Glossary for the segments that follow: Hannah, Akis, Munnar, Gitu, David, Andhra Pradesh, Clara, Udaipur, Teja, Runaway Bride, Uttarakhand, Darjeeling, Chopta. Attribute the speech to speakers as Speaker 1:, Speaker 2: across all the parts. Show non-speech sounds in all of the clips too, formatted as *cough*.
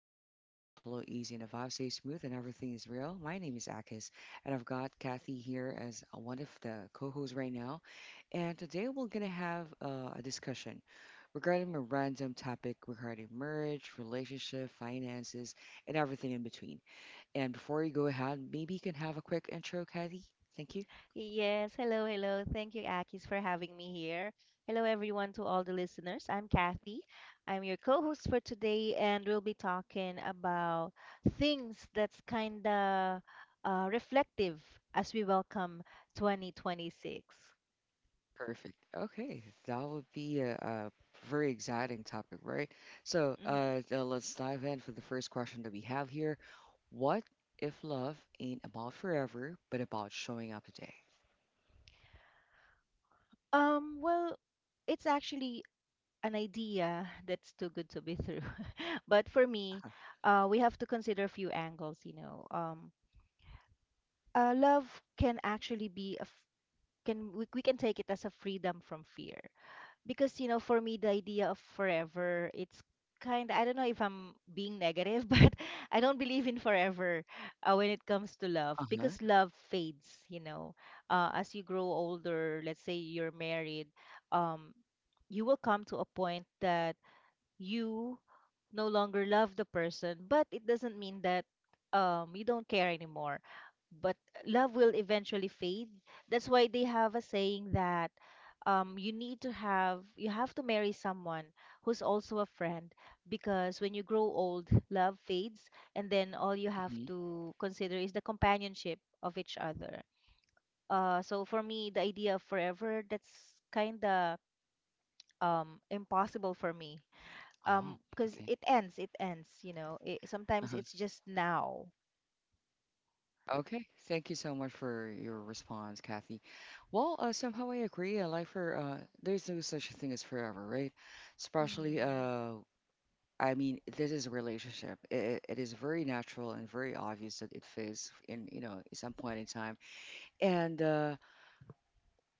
Speaker 1: conversation flow easy and the vibe stays smooth and everything is real. My name is Akis, and I've got Kathy here as one of the co-hosts right now. And today we're gonna have a discussion regarding a random topic regarding marriage, relationship, finances, and everything in between. And before you go ahead, maybe you can have a quick intro, Kathy. Thank you.
Speaker 2: Yes, hello, hello. Thank you, Akis, for having me here. Hello, everyone, to all the listeners. I'm Kathy. I'm your co host for today, and we'll be talking about things that's kind of reflective as we welcome 2026.
Speaker 1: Perfect. Okay, that would be a very exciting topic, right? So,
Speaker 2: Mhm.
Speaker 1: uh, uh, let's dive in for the first question that we have here. What if love ain't about forever, but about showing up today?
Speaker 2: Well, it's actually an idea that's too good to be true. *laughs* But for me, we have to consider a few angles. Love can actually be a can we can take it as a freedom from fear, because for me, the idea of forever, it's kind of, I don't know if I'm being negative, *laughs* but I don't believe in forever, when it comes to love
Speaker 1: Uh-huh.
Speaker 2: because love fades. As you grow older, let's say you're married, um, you will come to a point that you no longer love the person, but it doesn't mean that you don't care anymore, but love will eventually fade. That's why they have a saying that you have to marry someone who's also a friend, because when you grow old, love fades, and then all you have
Speaker 1: Hmm.
Speaker 2: to consider is the companionship of each other. So for me, the idea of forever, that's kind of impossible for me,
Speaker 1: Oh,
Speaker 2: because
Speaker 1: okay.
Speaker 2: it ends. It, sometimes
Speaker 1: Uh-huh.
Speaker 2: it's just now.
Speaker 1: Okay, thank you so much for your response, Kathy. Well, somehow I agree. Life for there's no such thing as forever, right? Especially
Speaker 2: Hmm.
Speaker 1: I mean, this is a relationship. It is very natural and very obvious that it fits in, you know, at some point in time. And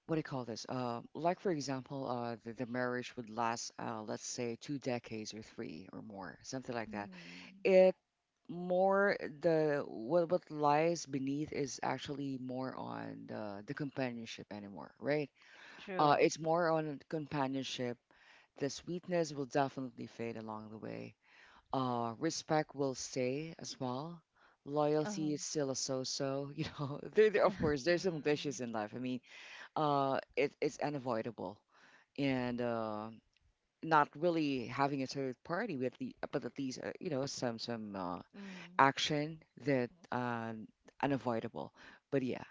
Speaker 1: what do you call this? Like, for example, the marriage would last, let's say, two decades or three or more, something like that.
Speaker 2: Hmm.
Speaker 1: It more the what lies beneath is actually more on the companionship anymore, right?
Speaker 2: True.
Speaker 1: It's more on companionship. The sweetness will definitely fade along the way, respect will stay as well.
Speaker 2: Uh-huh.
Speaker 1: Loyalty is still a so-so, *laughs* you know. Of
Speaker 2: *laughs*
Speaker 1: course, there's some
Speaker 2: Mm.
Speaker 1: glitches in life. I mean, it's unavoidable, and not really having a third party with the, but at least you know some
Speaker 2: Mm.
Speaker 1: action that unavoidable. But yeah,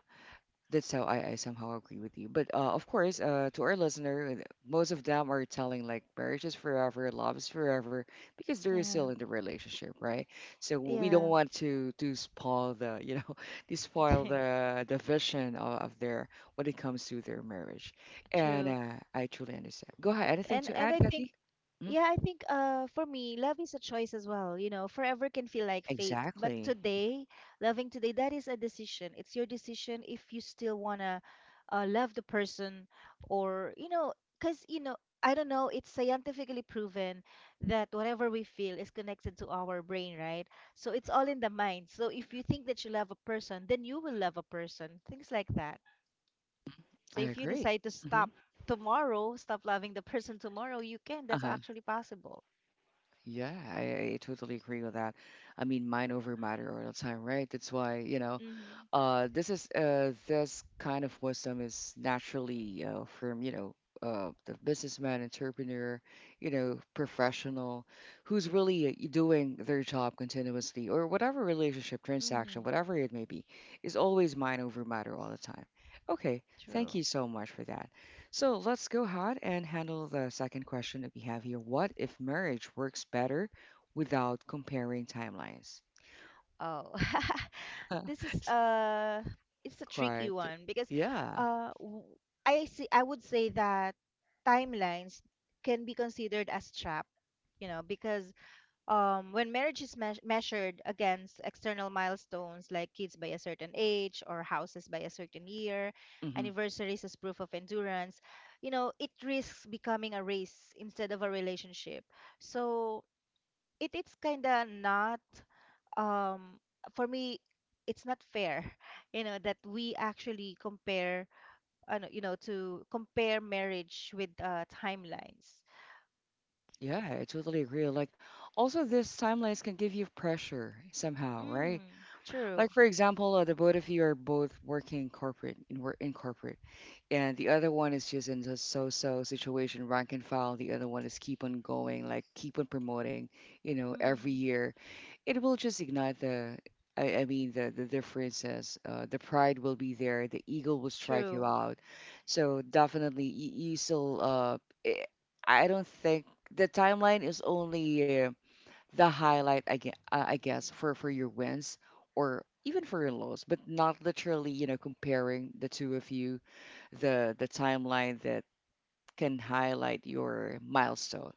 Speaker 1: that's how I somehow agree with you. But of course, to our listener, most of them are telling like marriage is forever, love is forever, because they're
Speaker 2: Yeah.
Speaker 1: still in the relationship, right? So we don't
Speaker 2: Yeah.
Speaker 1: want to spoil the, you know, *laughs* to spoil the vision of their, when it comes to their marriage.
Speaker 2: *laughs*
Speaker 1: And
Speaker 2: True.
Speaker 1: I truly understand. Go ahead. Anything
Speaker 2: and
Speaker 1: to
Speaker 2: and I
Speaker 1: add,
Speaker 2: think,
Speaker 1: Kathy? Mm.
Speaker 2: yeah, I think, for me, love is a choice as well. You know, forever can feel like fate, but
Speaker 1: Exactly.
Speaker 2: today, loving today, that is a decision. It's your decision if you still wanna love the person, or cause I don't know, it's scientifically proven that whatever we feel is connected to our brain, right? So it's all in the mind. So if you think that you love a person, then you will love a person. Things like that. So
Speaker 1: I
Speaker 2: if you
Speaker 1: agree.
Speaker 2: decide to
Speaker 1: Hmm.
Speaker 2: stop tomorrow, stop loving the person tomorrow, you can. That's
Speaker 1: Uh-huh.
Speaker 2: actually possible.
Speaker 1: Yeah, I totally agree with that. I mean, mind over matter all the time, right? That's why, you know,
Speaker 2: Mm-hmm.
Speaker 1: This kind of wisdom is naturally from, you know, the businessman, entrepreneur, you know, professional, who's really doing their job continuously, or whatever relationship transaction,
Speaker 2: Mm-hmm.
Speaker 1: whatever it may be, is always mind over matter all the time. Okay, thank you
Speaker 2: True.
Speaker 1: so much for that. So let's go ahead and handle the second question that we have here. What if marriage works better without comparing timelines? *laughs*
Speaker 2: Oh, *laughs* this is it's a tricky
Speaker 1: Quite,
Speaker 2: one because
Speaker 1: yeah.
Speaker 2: uh, w- I see. I would say that timelines can be considered as trap, because when marriage is measured against external milestones like kids by a certain age or houses by a certain year,
Speaker 1: Mhm.
Speaker 2: anniversaries as proof of endurance, it risks becoming a race instead of a relationship. So it's kind of not, um, for me, it's not fair, *laughs* that we actually compare, no, to compare marriage with timelines.
Speaker 1: Yeah, I totally agree. Like, also, this timelines can give you pressure somehow, right?
Speaker 2: Mm, true.
Speaker 1: Like for example, the both of you are both working in corporate in corporate, and the other one is just in a so-so situation, rank and file. The other one is keep on going, like keep on promoting. You know, every
Speaker 2: Mm,
Speaker 1: year, it will just ignite the. I mean the differences. The pride will be there. The ego will strike you
Speaker 2: true.
Speaker 1: out. So definitely, you still. Eh, I don't think the timeline is only. The highlight, I guess for your wins or even for your lows, but not literally, you know, comparing the two of you, the timeline that can highlight your milestone,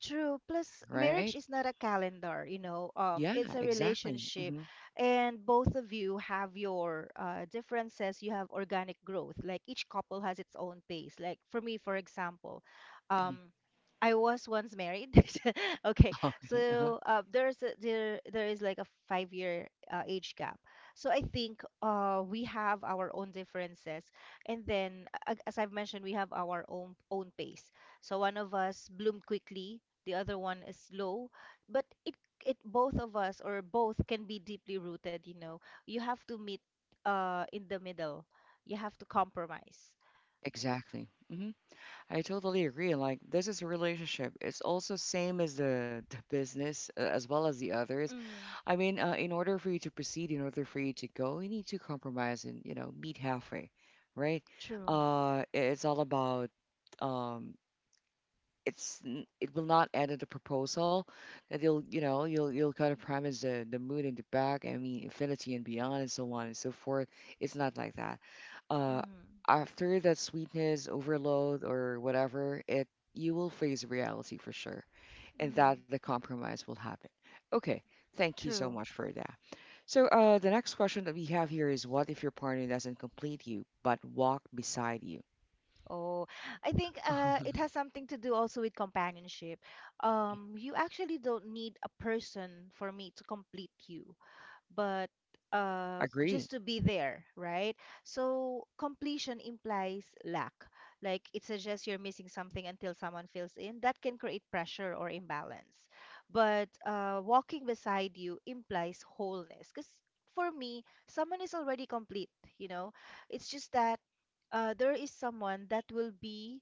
Speaker 2: True. Plus,
Speaker 1: right?
Speaker 2: marriage is not a calendar.
Speaker 1: Yeah,
Speaker 2: It's a
Speaker 1: exactly.
Speaker 2: relationship,
Speaker 1: Hmm.
Speaker 2: and both of you have your differences. You have organic growth. Like, each couple has its own pace. Like for me, for example, um,
Speaker 1: *laughs*
Speaker 2: I was once married. *laughs* Okay,
Speaker 1: Okay, uh-huh.
Speaker 2: so there is like a 5-year age gap. So I think we have our own differences, and then as I've mentioned, we have our own pace. So one of us bloomed quickly, the other one is low, but it both of us or both can be deeply rooted you know you Have to meet, in the middle, you have to compromise.
Speaker 1: Exactly. Hmm. I totally agree. Like this is a relationship. It's also same as the business as well as the others.
Speaker 2: Mm,
Speaker 1: I mean, in order for you to proceed, in order for you to go, you need to compromise and you know meet halfway, right?
Speaker 2: true.
Speaker 1: It's all about um, it will not end at a proposal that you'll, you know, you'll kind of promise the moon and the back, I mean infinity and beyond and so on and so forth. It's not like that. uh
Speaker 2: Mm,
Speaker 1: after that sweetness overload or whatever it, you will face reality for sure, and
Speaker 2: mm,
Speaker 1: that the compromise will happen. Okay, thank you so
Speaker 2: true.
Speaker 1: much for that. So the next question that we have here is what if your partner doesn't complete you but walk beside you?
Speaker 2: Oh, I think
Speaker 1: *laughs*
Speaker 2: it has something to do also with companionship. You actually don't need a person for me to complete you, but just
Speaker 1: Agree.
Speaker 2: to be there, right? So completion implies lack. Like, it suggests you're missing something until someone fills in. That can create pressure or imbalance. But walking beside you implies wholeness. Because for me, someone is already complete, you know? It's just that there is someone that will be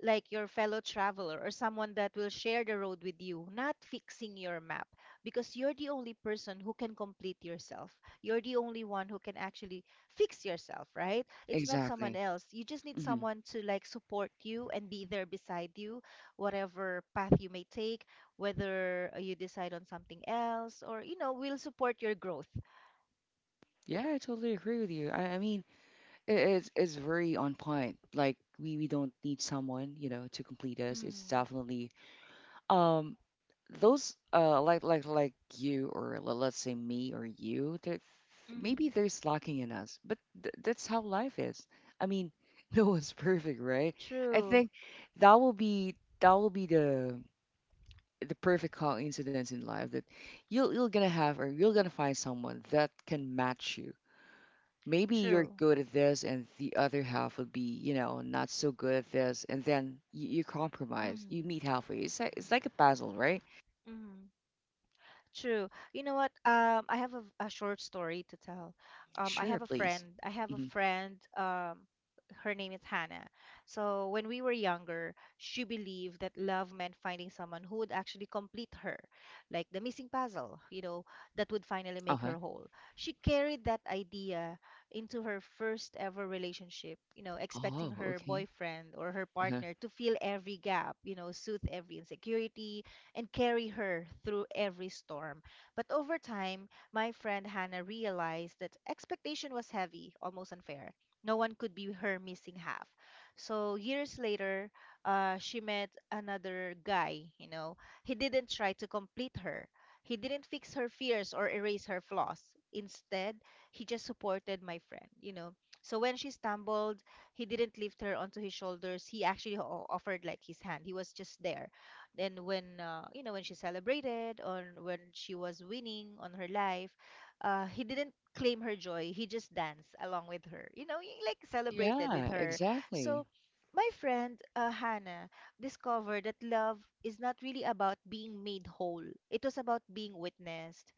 Speaker 2: like your fellow traveler, or someone that will share the road with you, not fixing your map, because you're the only person who can complete yourself. You're the only one who can actually fix yourself, right? It's not someone
Speaker 1: Exactly.
Speaker 2: else. You just need
Speaker 1: Mhm.
Speaker 2: someone to like support you and be there beside you, whatever path you may take, whether you decide on something else, or, will support your growth.
Speaker 1: Yeah, I totally agree with you. I mean, it's very on point. Like we don't need someone, you know, to complete us. It's
Speaker 2: Mm,
Speaker 1: definitely um those like you or let's say me or you. There maybe
Speaker 2: mm,
Speaker 1: there's lacking in us, but th that's how life is. I mean, *laughs* no one's perfect, right? I
Speaker 2: true,
Speaker 1: think that will be the perfect coincidence in life that you're gonna have or you're gonna find someone that can match you. Maybe you're
Speaker 2: true.
Speaker 1: good at this and the other half would be, you know, not so good at this, and then you compromise, you
Speaker 2: Mm,
Speaker 1: meet halfway. It's like, it's like a puzzle, right?
Speaker 2: mm. True. You know what? I have a short story to tell. I
Speaker 1: Sure,
Speaker 2: have a
Speaker 1: please.
Speaker 2: friend. I have a
Speaker 1: Hmm.
Speaker 2: friend. Her name is Hannah. So when we were younger, she believed that love meant finding someone who would actually complete her, like the missing puzzle, that would finally make
Speaker 1: Uh-huh.
Speaker 2: her whole. She carried that idea into her first ever relationship,
Speaker 1: Oh,
Speaker 2: expecting her
Speaker 1: okay.
Speaker 2: boyfriend or her
Speaker 1: Uh-huh.
Speaker 2: partner to fill every gap, soothe every insecurity, and carry her through every storm. But over time, my friend Hannah realized that expectation was heavy, almost unfair. No one could be her missing half. So years later, she met another guy. He didn't try to complete her. He didn't fix her fears or erase her flaws. Instead, he just supported my friend. So when she stumbled, he didn't lift her onto his shoulders. He actually offered like his hand. He was just there, and when you know when she celebrated, or when she was winning on her life, he didn't claim her joy. He just danced along with her. He like, celebrated with
Speaker 1: Yeah,
Speaker 2: her. So
Speaker 1: exactly.
Speaker 2: my friend, Hannah, discovered that love is not really about being made whole. It was about being witnessed,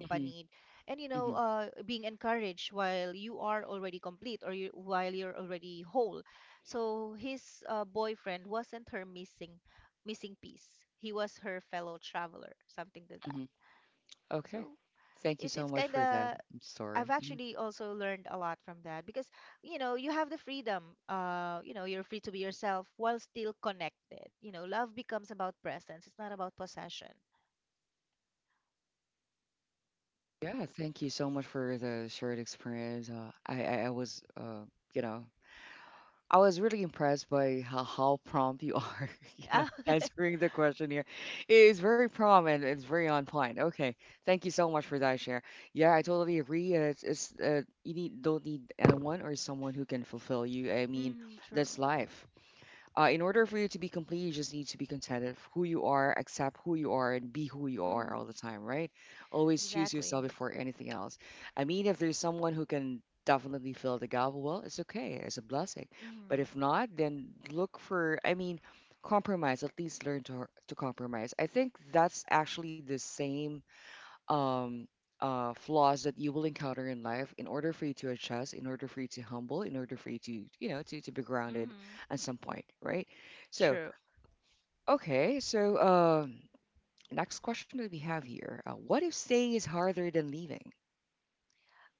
Speaker 1: Hmm.
Speaker 2: and you know
Speaker 1: Hmm.
Speaker 2: uh, being encouraged while you are already complete, while you're already whole. So his boyfriend wasn't her missing piece. He was her fellow traveler, something to
Speaker 1: Hmm.
Speaker 2: that.
Speaker 1: Okay,
Speaker 2: So
Speaker 1: thank you so
Speaker 2: it's
Speaker 1: much
Speaker 2: kind
Speaker 1: for that
Speaker 2: of I've
Speaker 1: story. Hmm.
Speaker 2: actually also learned a lot from that, because you have the freedom. You know you're free to be yourself while still connected. You know, love becomes about presence. It's not about possession.
Speaker 1: Yeah, thank you so much for the shared experience. I was you know, I was really impressed by how prompt you are, *laughs* you know,
Speaker 2: Ah, *laughs*
Speaker 1: answering the question here. It is very prompt and it's very on point. Okay, thank you so much for that share. Yeah, I totally agree. It's you need don't need anyone or someone who can fulfill you. I mean,
Speaker 2: mm, true.
Speaker 1: that's life. In order for you to be complete, you just need to be contented of who you are, accept who you are, and be who you are all the
Speaker 2: Mm,
Speaker 1: time, right? Always choose yourself
Speaker 2: exactly.
Speaker 1: before anything else. I mean, if there's someone who can definitely fill the gap, well, it's okay. It's a blessing.
Speaker 2: Mm,
Speaker 1: But if not, then look for, I mean, compromise. At least learn to compromise. I think that's actually the same um, flaws that you will encounter in life in order for you to adjust, in order for you to humble, in order for you to, you know, to be grounded
Speaker 2: mm-hmm.
Speaker 1: at some point, right? So,
Speaker 2: True.
Speaker 1: okay, so next question that we have here, what if staying is harder than leaving?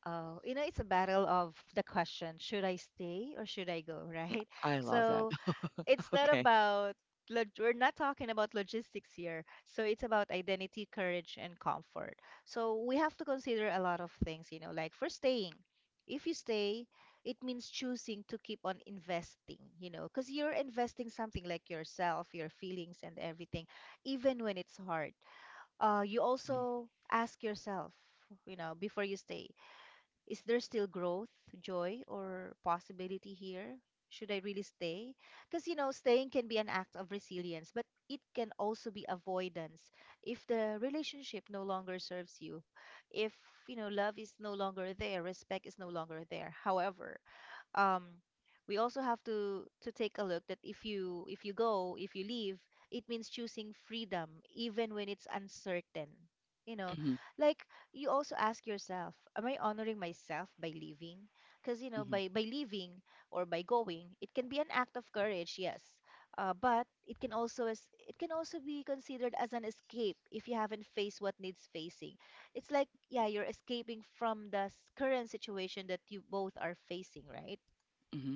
Speaker 2: Oh, it's a battle of the question: should I stay or should I go? *laughs* Right?
Speaker 1: I love that.
Speaker 2: So it's
Speaker 1: *laughs*
Speaker 2: not
Speaker 1: Okay.
Speaker 2: about we're not talking about logistics here, so it's about identity, courage, and comfort. So we have to consider a lot of things, like, for staying, if you stay, it means choosing to keep on investing, because you're investing something like yourself, your feelings, and everything, even when it's hard. You also ask yourself before you stay, is there still growth, joy, or possibility here? Should I really stay? Because, staying can be an act of resilience, but it can also be avoidance. If the relationship no longer serves you, if, love is no longer there, respect is no longer there. However, um we also have to take a look that if you leave, it means choosing freedom even when it's uncertain. You know,
Speaker 1: Mm-hmm.
Speaker 2: like, you also ask yourself, am I honoring myself by leaving? Because
Speaker 1: Mm-hmm.
Speaker 2: by leaving or by going, it can be an act of courage, yes, but it can also be considered as an escape if you haven't faced what needs facing. It's like, yeah, you're escaping from the current situation that you both are facing, right?
Speaker 1: Mm-hmm.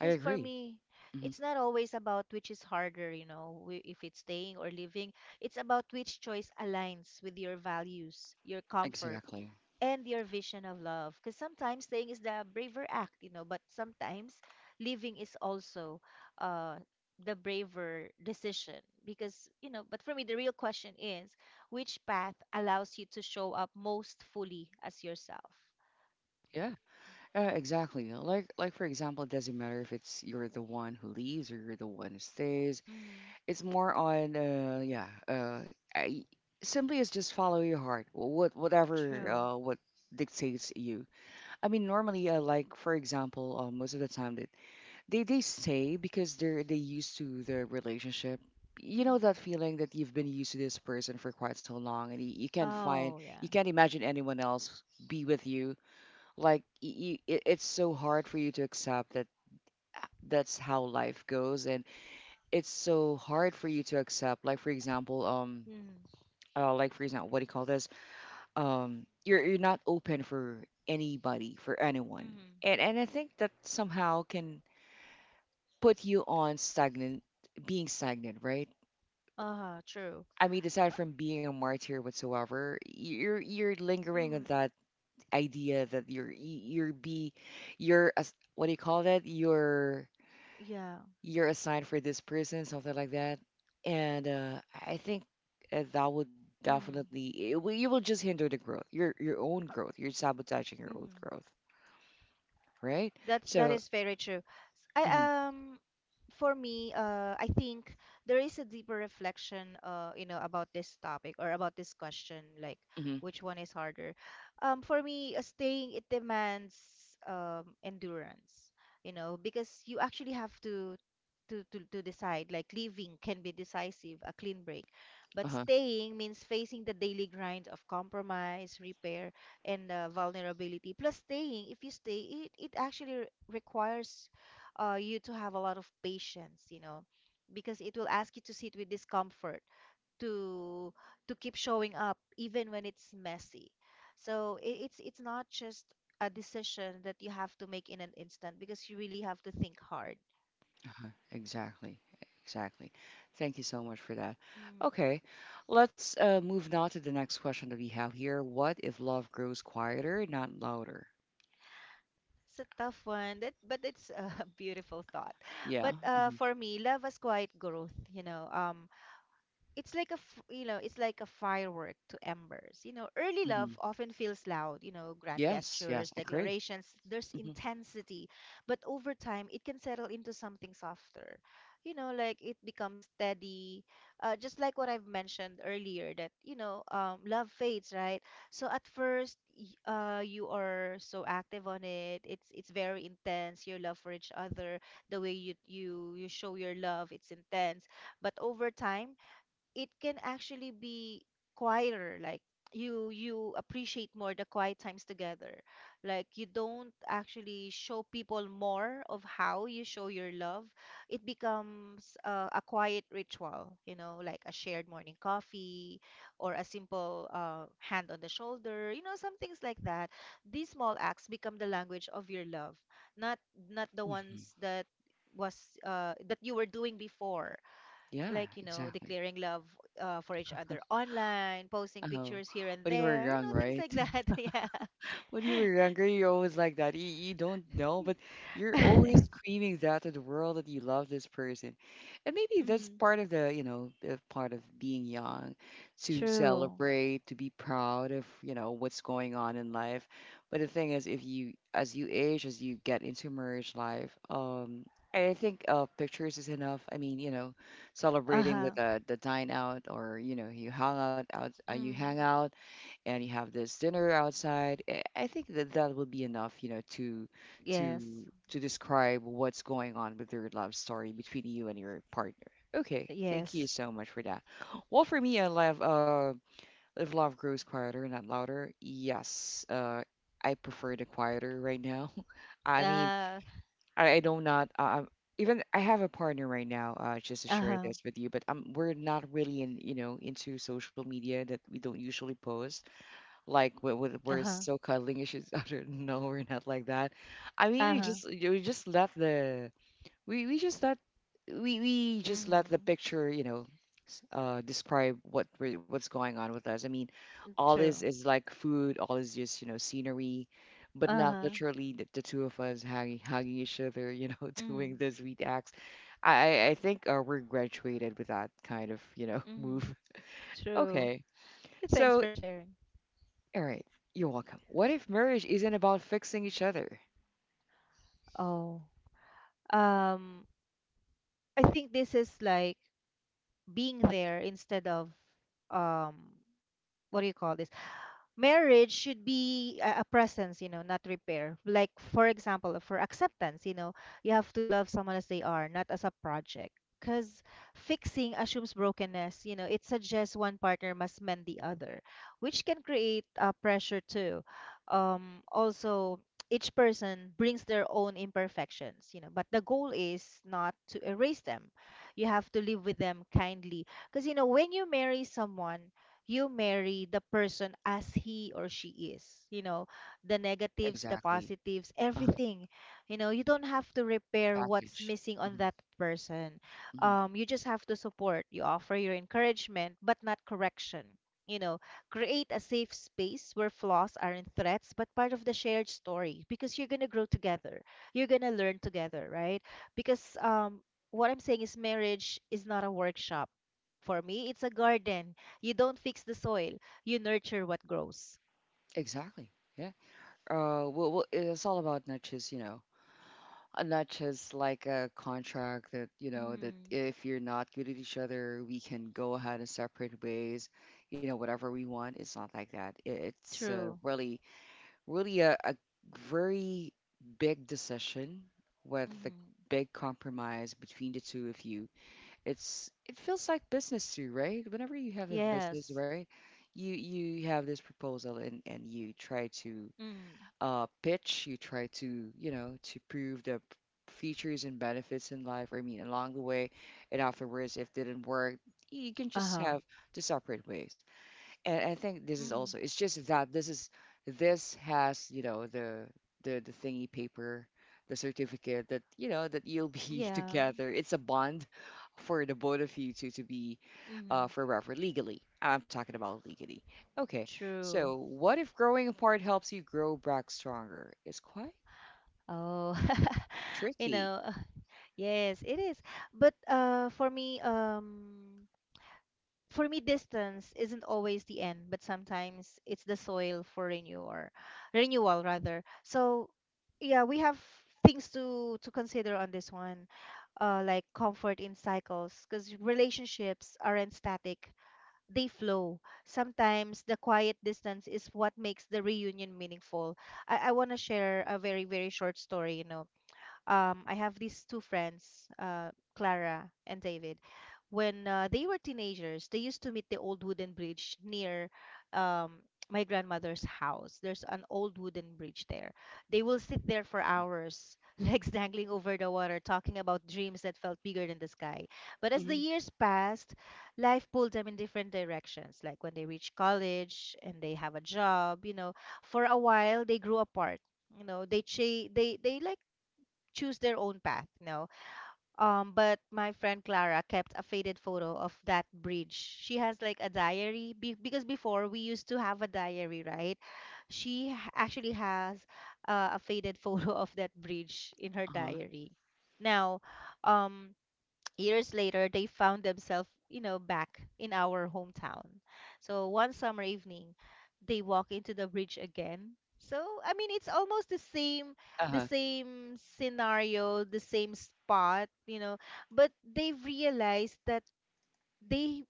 Speaker 1: I
Speaker 2: for
Speaker 1: agree.
Speaker 2: me,
Speaker 1: Hmm.
Speaker 2: it's not always about which is harder, if it's staying or living. It's about which choice aligns with your values, your comfort,
Speaker 1: Exactly.
Speaker 2: and your vision of love. Because sometimes staying is the braver act, but sometimes living is also uh, the braver decision. Because, but for me, the real question is, which path allows you to show up most fully as yourself?
Speaker 1: Yeah. Exactly. Like for example, it doesn't matter if it's you're the one who leaves or you're the one who stays.
Speaker 2: Mm,
Speaker 1: It's more on I, simply is just follow your heart, what, whatever
Speaker 2: true.
Speaker 1: what dictates you. I mean normally, like for example, most of the time that they stay because they used to the relationship. You know
Speaker 2: Mm.
Speaker 1: that feeling that you've been used to this person for quite so long and you can't find,
Speaker 2: Oh,
Speaker 1: you can't imagine anyone else be with you. Like y you, it's so hard for you to accept that that's how life goes, and it's so hard for you to accept, like for example,
Speaker 2: yeah.
Speaker 1: like for example, what do you call this, you're not open for anybody for anyone.
Speaker 2: Mhm.
Speaker 1: And I think that somehow can put you on stagnant, being stagnant, right?
Speaker 2: Uh-huh, true.
Speaker 1: I mean, aside from being a martyr whatsoever, you're lingering on
Speaker 2: Mhm.
Speaker 1: that idea that you're be, you're, as what do you call that, you're
Speaker 2: Yeah.
Speaker 1: you're assigned for this person, something like that. And I think that would
Speaker 2: Mhm.
Speaker 1: definitely, it will, you will just hinder the growth, your own growth. You're sabotaging your own
Speaker 2: Mhm.
Speaker 1: growth, right?
Speaker 2: That's that
Speaker 1: So,
Speaker 2: is very true. S- I
Speaker 1: mhm,
Speaker 2: For me, I think there is a deeper reflection, about this topic, or about this question, like,
Speaker 1: mhm,
Speaker 2: which one is harder. For me, staying, it demands endurance, because you actually have to to decide. Like, leaving can be decisive, a clean break, but
Speaker 1: uh-huh,
Speaker 2: staying means facing the daily grind of compromise, repair, and vulnerability. Plus, staying, if you stay, it actually requires you to have a lot of patience, because it will ask you to sit with discomfort, to to keep showing up even when it's messy. So it's not just a decision that you have to make in an instant, because you really have to think hard.
Speaker 1: exactly, exactly. Thank you so much for that.
Speaker 2: Mm.
Speaker 1: Okay, let's move now to the next question that we have here. What if love grows quieter, not louder?
Speaker 2: It's a tough one, that, but it's a *laughs* beautiful thought.
Speaker 1: Yeah.
Speaker 2: But
Speaker 1: Hmm.
Speaker 2: for me, love as quiet growth. It's like a firework to embers. Early love
Speaker 1: Hmm.
Speaker 2: often feels loud, grand
Speaker 1: Yes.
Speaker 2: gestures,
Speaker 1: Yes, I agree.
Speaker 2: declarations, there's
Speaker 1: Hmm.
Speaker 2: intensity, but over time it can settle into something softer, like it becomes steady. Just like what I've mentioned earlier, that love fades, right? So at first, you are so active on it, it's very intense, your love for each other. The way you show your love, it's intense. But over time, it can actually be quieter. Like, you appreciate more the quiet times together. Like, you don't actually show people more of how you show your love. It becomes a quiet ritual, like a shared morning coffee or a simple hand on the shoulder, some things like that. These small acts become the language of your love. Not, not the
Speaker 1: Hmm.
Speaker 2: ones that was that you were doing before.
Speaker 1: Yeah,
Speaker 2: Like,
Speaker 1: exactly.
Speaker 2: declaring love for each other online, posting
Speaker 1: Oh,
Speaker 2: pictures here and
Speaker 1: when you were
Speaker 2: there,
Speaker 1: young,
Speaker 2: things
Speaker 1: right?
Speaker 2: like that. *laughs* Yeah.
Speaker 1: *laughs* When you were younger, you're always like that. You don't know, but you're always
Speaker 2: *laughs*
Speaker 1: screaming that to the world that you love this person. And maybe that's
Speaker 2: Mm,
Speaker 1: part of the, you know, the part of being young, to
Speaker 2: true.
Speaker 1: celebrate, to be proud of, you know, what's going on in life. But the thing is, if you, as you age, as you get into marriage life, I think pictures is enough. I mean, you know, celebrating with
Speaker 2: Uh-huh.
Speaker 1: the dine out or, you know, you
Speaker 2: Mm,
Speaker 1: hang out and you have this dinner outside. I think that that would be enough, you know, to
Speaker 2: yes,
Speaker 1: to describe what's going on with your love story between you and your partner. Okay, thank you
Speaker 2: yes.
Speaker 1: so much for that. Well, for me, I love if love grows quieter, not louder. Yes, I prefer the quieter right now. *laughs* I mean,
Speaker 2: Uh.
Speaker 1: I don't not even I have a partner right now. Just to share
Speaker 2: Uh-huh.
Speaker 1: this with you, but we're not really in, you know, into social media, that we don't usually post like we're
Speaker 2: Uh-huh.
Speaker 1: so cuddling issues, *laughs* other no, we're *laughs* not like that. I mean, we
Speaker 2: Uh-huh.
Speaker 1: just we just let the we, we just let we just let the
Speaker 2: Mm-hmm.
Speaker 1: picture, you know, describe what's going on with us. I mean, all is
Speaker 2: True.
Speaker 1: like food, all is just, you know, scenery, but not
Speaker 2: Uh-huh.
Speaker 1: literally the two of us hugging each other, you know, *laughs* doing
Speaker 2: Mm-hmm.
Speaker 1: the sweet acts. I i I think we're graduated with that kind of, you know, *laughs*
Speaker 2: Mm-hmm.
Speaker 1: move.
Speaker 2: True.
Speaker 1: Okay,
Speaker 2: Thanks
Speaker 1: so
Speaker 2: for sharing.
Speaker 1: all right, you're welcome. What if marriage isn't about fixing each other?
Speaker 2: Oh. Um, I think this is like being there instead of, um, what do you call this? Marriage should be a presence, you know, not repair. Like for example, for acceptance, you know, you have to love someone as they are, not as a project. Because fixing assumes brokenness, you know, it suggests one partner must mend the other, which can create pressure too. Also, each person brings their own imperfections, you know, but the goal is not to erase them. You have to live with them kindly. Because, you know, when you marry someone, you marry the person as he or she is. You know, the negatives, the
Speaker 1: Exactly.
Speaker 2: positives,
Speaker 1: Uh-huh.
Speaker 2: everything. You know, you don't have to repair what's
Speaker 1: Package.
Speaker 2: missing on
Speaker 1: Hmm.
Speaker 2: that person.
Speaker 1: Hmm.
Speaker 2: You just have to support. You offer your encouragement, but not correction. You know, create a safe space where flaws aren't threats, but part of the shared story because you're going to grow together. You're going to learn together, right? Because, what I'm saying is marriage is not a workshop. For me, it's a garden. You don't fix the soil, you nurture what grows.
Speaker 1: Exactly. Yeah. Well, it's all about not just, you know, not just like a contract that, you know, that
Speaker 2: Mm.
Speaker 1: if you're not good at each other, we can go ahead and separate ways, you know, whatever we want. It's not like that. It's
Speaker 2: True.
Speaker 1: really, really a very big decision with a
Speaker 2: Mm.
Speaker 1: big compromise between the two of you. It's it feels like business too, right? Whenever you have a business,
Speaker 2: Yes.
Speaker 1: right, you have this proposal, and you try to
Speaker 2: Mm.
Speaker 1: pitch, you try to, you know, to prove the features and benefits in life. I mean, along the way, and afterwards, if didn't work, you can just
Speaker 2: Uh-huh.
Speaker 1: have to separate ways. And I think this is also,
Speaker 2: Mm.
Speaker 1: it's just that this is, this has, you know, the the thingy paper, the certificate that, you know, that you'll be *laughs*
Speaker 2: Yeah.
Speaker 1: together. It's a bond for the both of you two to be
Speaker 2: Mm.
Speaker 1: forever legally. I'm talking about legally. Okay,
Speaker 2: True.
Speaker 1: so what if growing apart helps you grow back stronger? It's quite
Speaker 2: Oh, *laughs* you
Speaker 1: tricky.
Speaker 2: know, *laughs* yes, it is. But for me, distance isn't always the end, but sometimes it's the soil for renewal, renewal rather. So, yeah, we have things to consider on this one, like comfort in cycles, because relationships aren't static; they flow. Sometimes the quiet distance is what makes the reunion meaningful. I want to share a very very short story. You know, I have these two friends, Clara and David. When they were teenagers, they used to meet the old wooden bridge near, um, my grandmother's house. There's an old wooden bridge there. They will sit there for hours, *laughs* legs dangling over the water, talking about dreams that felt bigger than the sky. But as the
Speaker 1: Hmm.
Speaker 2: years passed, life pulled them in different directions. Like when they reach college and they have a job, you know, for a while they grew apart. You know, they like choose their own path, you know. But my friend Clara kept a faded photo of that bridge. She has like a diary because before we used to have a diary, right? She actually has a faded *laughs* photo of that bridge in her
Speaker 1: Uh-huh.
Speaker 2: diary. Now, um, years later they found themselves, you know, back in our hometown. So one summer evening they walk into the bridge again. So I mean, it's almost the same, the
Speaker 1: Uh-huh.
Speaker 2: same scenario, the same spot, you know. But they have realized that they,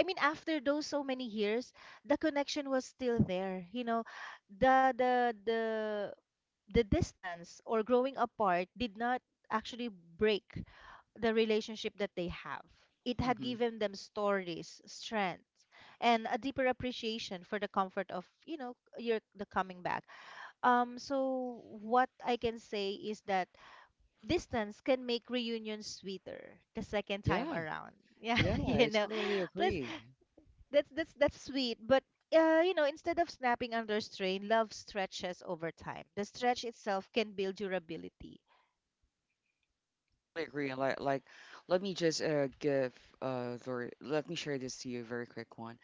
Speaker 2: I mean, after those so many years, the connection was still there, you know. The the distance or growing apart did not actually break the relationship that they have. It had
Speaker 1: Hmm.
Speaker 2: given them stories, strength, and a deeper appreciation for the comfort of, you know, your the coming back. So what I can say is that distance can make reunion sweeter the second time
Speaker 1: Yeah.
Speaker 2: around. *laughs* Yeah,
Speaker 1: Yeah,
Speaker 2: you
Speaker 1: I
Speaker 2: know.
Speaker 1: totally
Speaker 2: Plus,
Speaker 1: agree.
Speaker 2: that's sweet, but you know, instead of snapping under strain, love stretches over time. The stretch itself can build durability.
Speaker 1: Totally agree. Like, let me just give Lori, let me share this to you, a very quick one.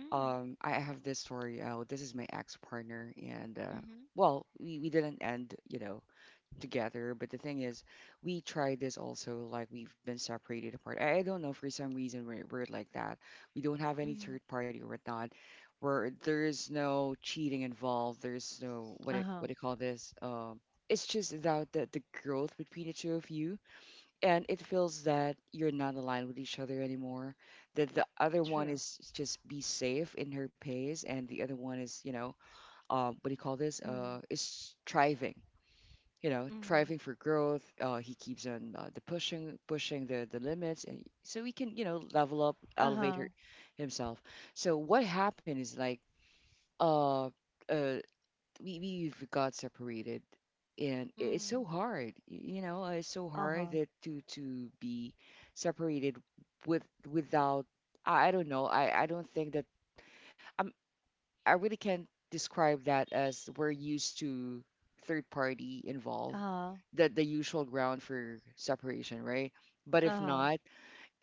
Speaker 2: Mm,
Speaker 1: I have this story. This is my ex partner, and
Speaker 2: mm-hmm,
Speaker 1: well, we didn't end, you know, together. But the thing is, we tried this also. Like, we've been separated apart. I don't know, for some reason we're like that. We don't have any
Speaker 2: mm-hmm.
Speaker 1: third party or whatnot. Where there is no cheating involved. There's no what it,
Speaker 2: Uh-huh.
Speaker 1: what do you call this? It's just about the growth between the two of you, and it feels that you're not aligned with each other anymore, that the other one
Speaker 2: True.
Speaker 1: is just be safe in her pace, and the other one is, you know, what do you call this, is striving, you know,
Speaker 2: Mm.
Speaker 1: striving for growth. He keeps on the pushing the limits, and so he can, you know, level up, elevate
Speaker 2: Uh-huh.
Speaker 1: her, himself. So what happened is like, uh, uh, we've got separated, and it's so
Speaker 2: Mm.
Speaker 1: hard, you know, it's so hard
Speaker 2: Uh-huh.
Speaker 1: that to be separated with without. I don't know, I don't think that i'm I really can't describe that as we're used to, third party involved,
Speaker 2: Uh-huh.
Speaker 1: the usual ground for separation, right? But if
Speaker 2: Uh-huh.
Speaker 1: not,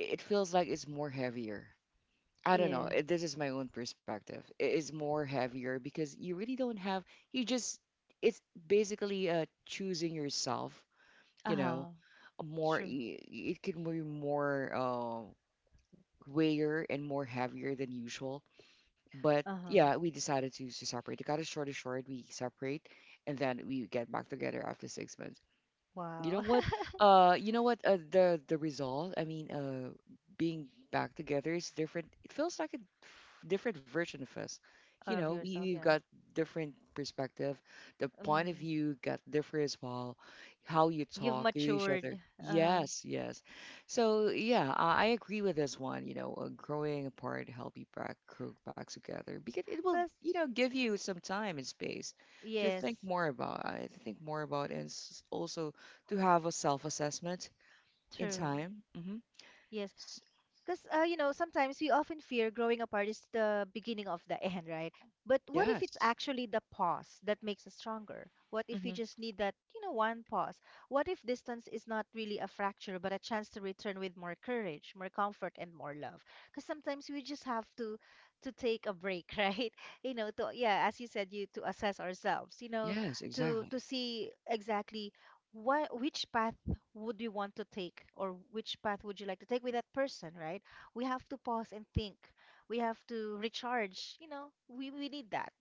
Speaker 1: it feels like it's more heavier. I don't know.
Speaker 2: Yeah.
Speaker 1: This is my own perspective. It is more heavier because you really don't have. You just it's basically choosing yourself. You
Speaker 2: Uh-huh.
Speaker 1: know, a more
Speaker 2: True.
Speaker 1: it can be more weightier and more heavier than usual. But
Speaker 2: Uh-huh.
Speaker 1: yeah, we decided to separate. To cut it got as short and short, we separate, and then we get back together after six months. You know
Speaker 2: Wow.
Speaker 1: what, you know what, the result, I mean, being back together is different. It feels like a different version of us.
Speaker 2: *laughs*
Speaker 1: You
Speaker 2: All
Speaker 1: know,
Speaker 2: of yourself,
Speaker 1: we've
Speaker 2: yeah.
Speaker 1: got different perspective, the point of
Speaker 2: Mm.
Speaker 1: view got different as well, how you
Speaker 2: You've
Speaker 1: talk to each other.
Speaker 2: matured. Uh-huh.
Speaker 1: Yes, yes. So yeah, I agree with this one, you know. Growing apart help you back grow back together because it will,
Speaker 2: But
Speaker 1: you know, give
Speaker 2: true.
Speaker 1: you some time and space to
Speaker 2: Yes.
Speaker 1: think more about. I think more about, and also to have a self assessment in
Speaker 2: True.
Speaker 1: time. Hmm.
Speaker 2: Yes. Because, you know, sometimes we often fear growing apart is the beginning of the end, right? But what if it's
Speaker 1: Yes.
Speaker 2: actually the pause that makes us stronger? What if we
Speaker 1: Hmm.
Speaker 2: just need that, you know, one pause? What if distance is not really a fracture, but a chance to return with more courage, more comfort, and more love? Because sometimes we just have to take a break, *laughs* right? You know, to yeah, as you said, you to assess ourselves, you know,
Speaker 1: Yes,
Speaker 2: to
Speaker 1: exactly.
Speaker 2: see exactly what which path would you want to take or which path would you like to take with that person, right? We have to pause and think. We have to recharge, you know. We need that.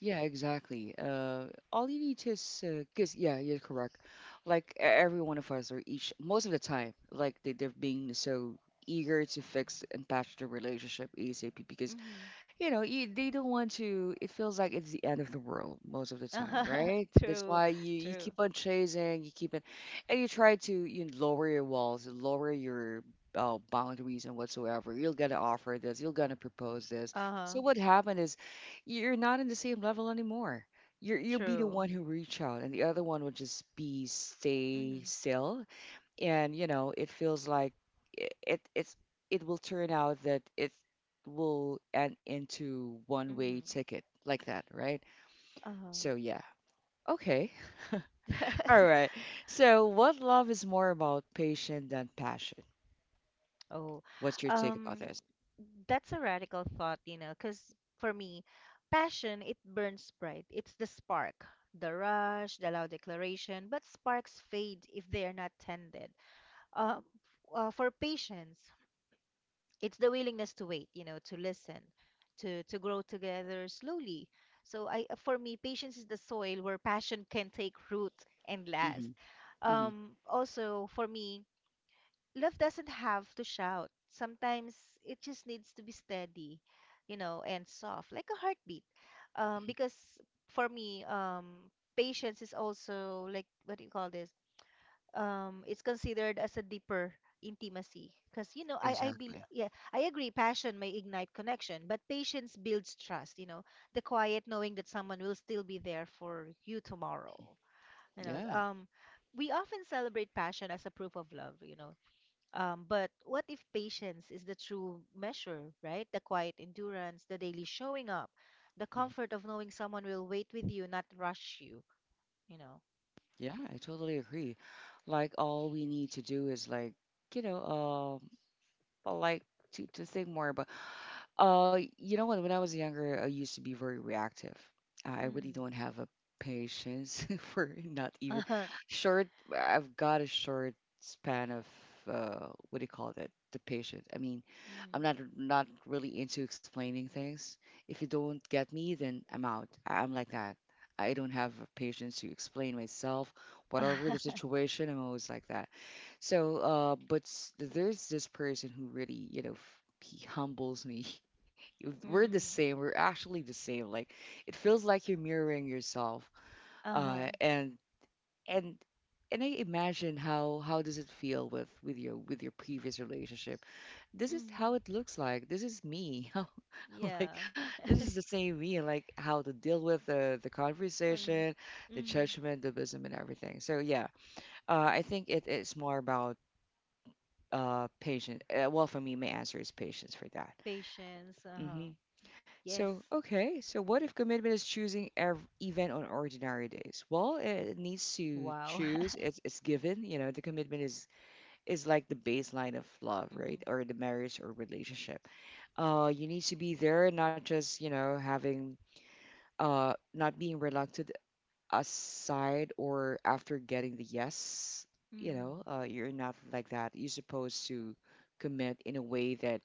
Speaker 1: Yeah, exactly. All you need is, 'cause yeah, you're correct. Like every one of us, or each, most of the time, like they're being so eager to fix and patch the relationship ASAP because,
Speaker 2: Mhm.
Speaker 1: you know, they don't want to. It feels like it's the end of the world most of the time,
Speaker 2: Uh-huh.
Speaker 1: right?
Speaker 2: *laughs*
Speaker 1: That's
Speaker 2: True.
Speaker 1: why you
Speaker 2: True.
Speaker 1: keep on chasing, you keep it, and you try to you lower your walls, lower your boundaries and whatsoever. You're gonna offer this, you're gonna propose this. So
Speaker 2: Uh-huh.
Speaker 1: what happened is, you're not in the same level anymore. You'll be the
Speaker 2: True.
Speaker 1: one who reach out, and the other one will just be stay
Speaker 2: Mhm.
Speaker 1: still, and you know it feels like it it's it will turn out that it will end into one way
Speaker 2: Mhm.
Speaker 1: ticket like that, right?
Speaker 2: Uh-huh.
Speaker 1: So yeah. Okay. *laughs* All right.
Speaker 2: *laughs*
Speaker 1: So what love is more about patience than passion?
Speaker 2: Oh.
Speaker 1: What's your take about
Speaker 2: Um,
Speaker 1: this?
Speaker 2: that's a radical thought, you know, because for me, passion, it burns bright. It's the spark, the rush, the loud declaration, but sparks fade if they are not tended. Uh, for patience, it's the willingness to wait, you know, to listen, to grow together slowly. So I, for me, patience is the soil where passion can take root and
Speaker 1: Hmm.
Speaker 2: last.
Speaker 1: Hmm.
Speaker 2: Um, also for me, love doesn't have to shout. Sometimes it just needs to be steady, you know, and soft like a heartbeat. Um, because for me, um, patience is also like, what do you call this, um, it's considered as a deeper intimacy, because, you know, I bel,
Speaker 1: Exactly.
Speaker 2: yeah, I agree. Passion may ignite connection, but patience builds trust, you know, the quiet knowing that someone will still be there for you tomorrow. You know,
Speaker 1: Yeah.
Speaker 2: um, we often celebrate passion as a proof of love, you know. Um, but what if patience is the true measure, right? The quiet endurance, the daily showing up, the
Speaker 1: Mhm.
Speaker 2: comfort of knowing someone will wait with you, not rush you. You know.
Speaker 1: Yeah, I totally agree. Like all we need to do is like, you know, like to think more about. You know what? When I was younger, I used to be very reactive. I really
Speaker 2: Mm.
Speaker 1: don't have a patience *laughs* for not
Speaker 2: *laughs*
Speaker 1: even
Speaker 2: Uh.
Speaker 1: short. I've got a short span of what do you call that? The patience. I mean, I'm not not really into explaining things. If you don't get me, then I'm out. I'm like that. I don't have a patience to explain myself, whatever the
Speaker 2: *laughs*
Speaker 1: situation. I'm always like that. So, but there's this person who really, you know, he humbles me. *laughs* We're the
Speaker 2: Mm.
Speaker 1: same. We're actually the same. Like it feels like you're mirroring yourself. Uh,
Speaker 2: Uh-huh.
Speaker 1: and and and I imagine how does it feel with your with your previous relationship? This is how
Speaker 2: Mm.
Speaker 1: it looks like. This is me. *laughs* How, like
Speaker 2: Yeah.
Speaker 1: this is the same me. Like how to deal with the
Speaker 2: Um,
Speaker 1: conversation, the
Speaker 2: mm-hmm,
Speaker 1: judgment, the wisdom, and everything. So yeah, I think it is more about patience. Well, for me, my answer is patience for that.
Speaker 2: patience. Uh-huh.
Speaker 1: Mhm.
Speaker 2: Yes.
Speaker 1: So, okay, so what if commitment is choosing even on ordinary days? Well, it needs to
Speaker 2: Wow.
Speaker 1: choose.
Speaker 2: *laughs*
Speaker 1: It's given. You know, the commitment is like the baseline of love,
Speaker 2: Mm-hmm.
Speaker 1: right? Or the marriage or relationship. You need to be there, not just, you know, having not being reluctant aside or after getting the yes. You know,
Speaker 2: Mm-hmm.
Speaker 1: you're not like that. You're supposed to commit in a way that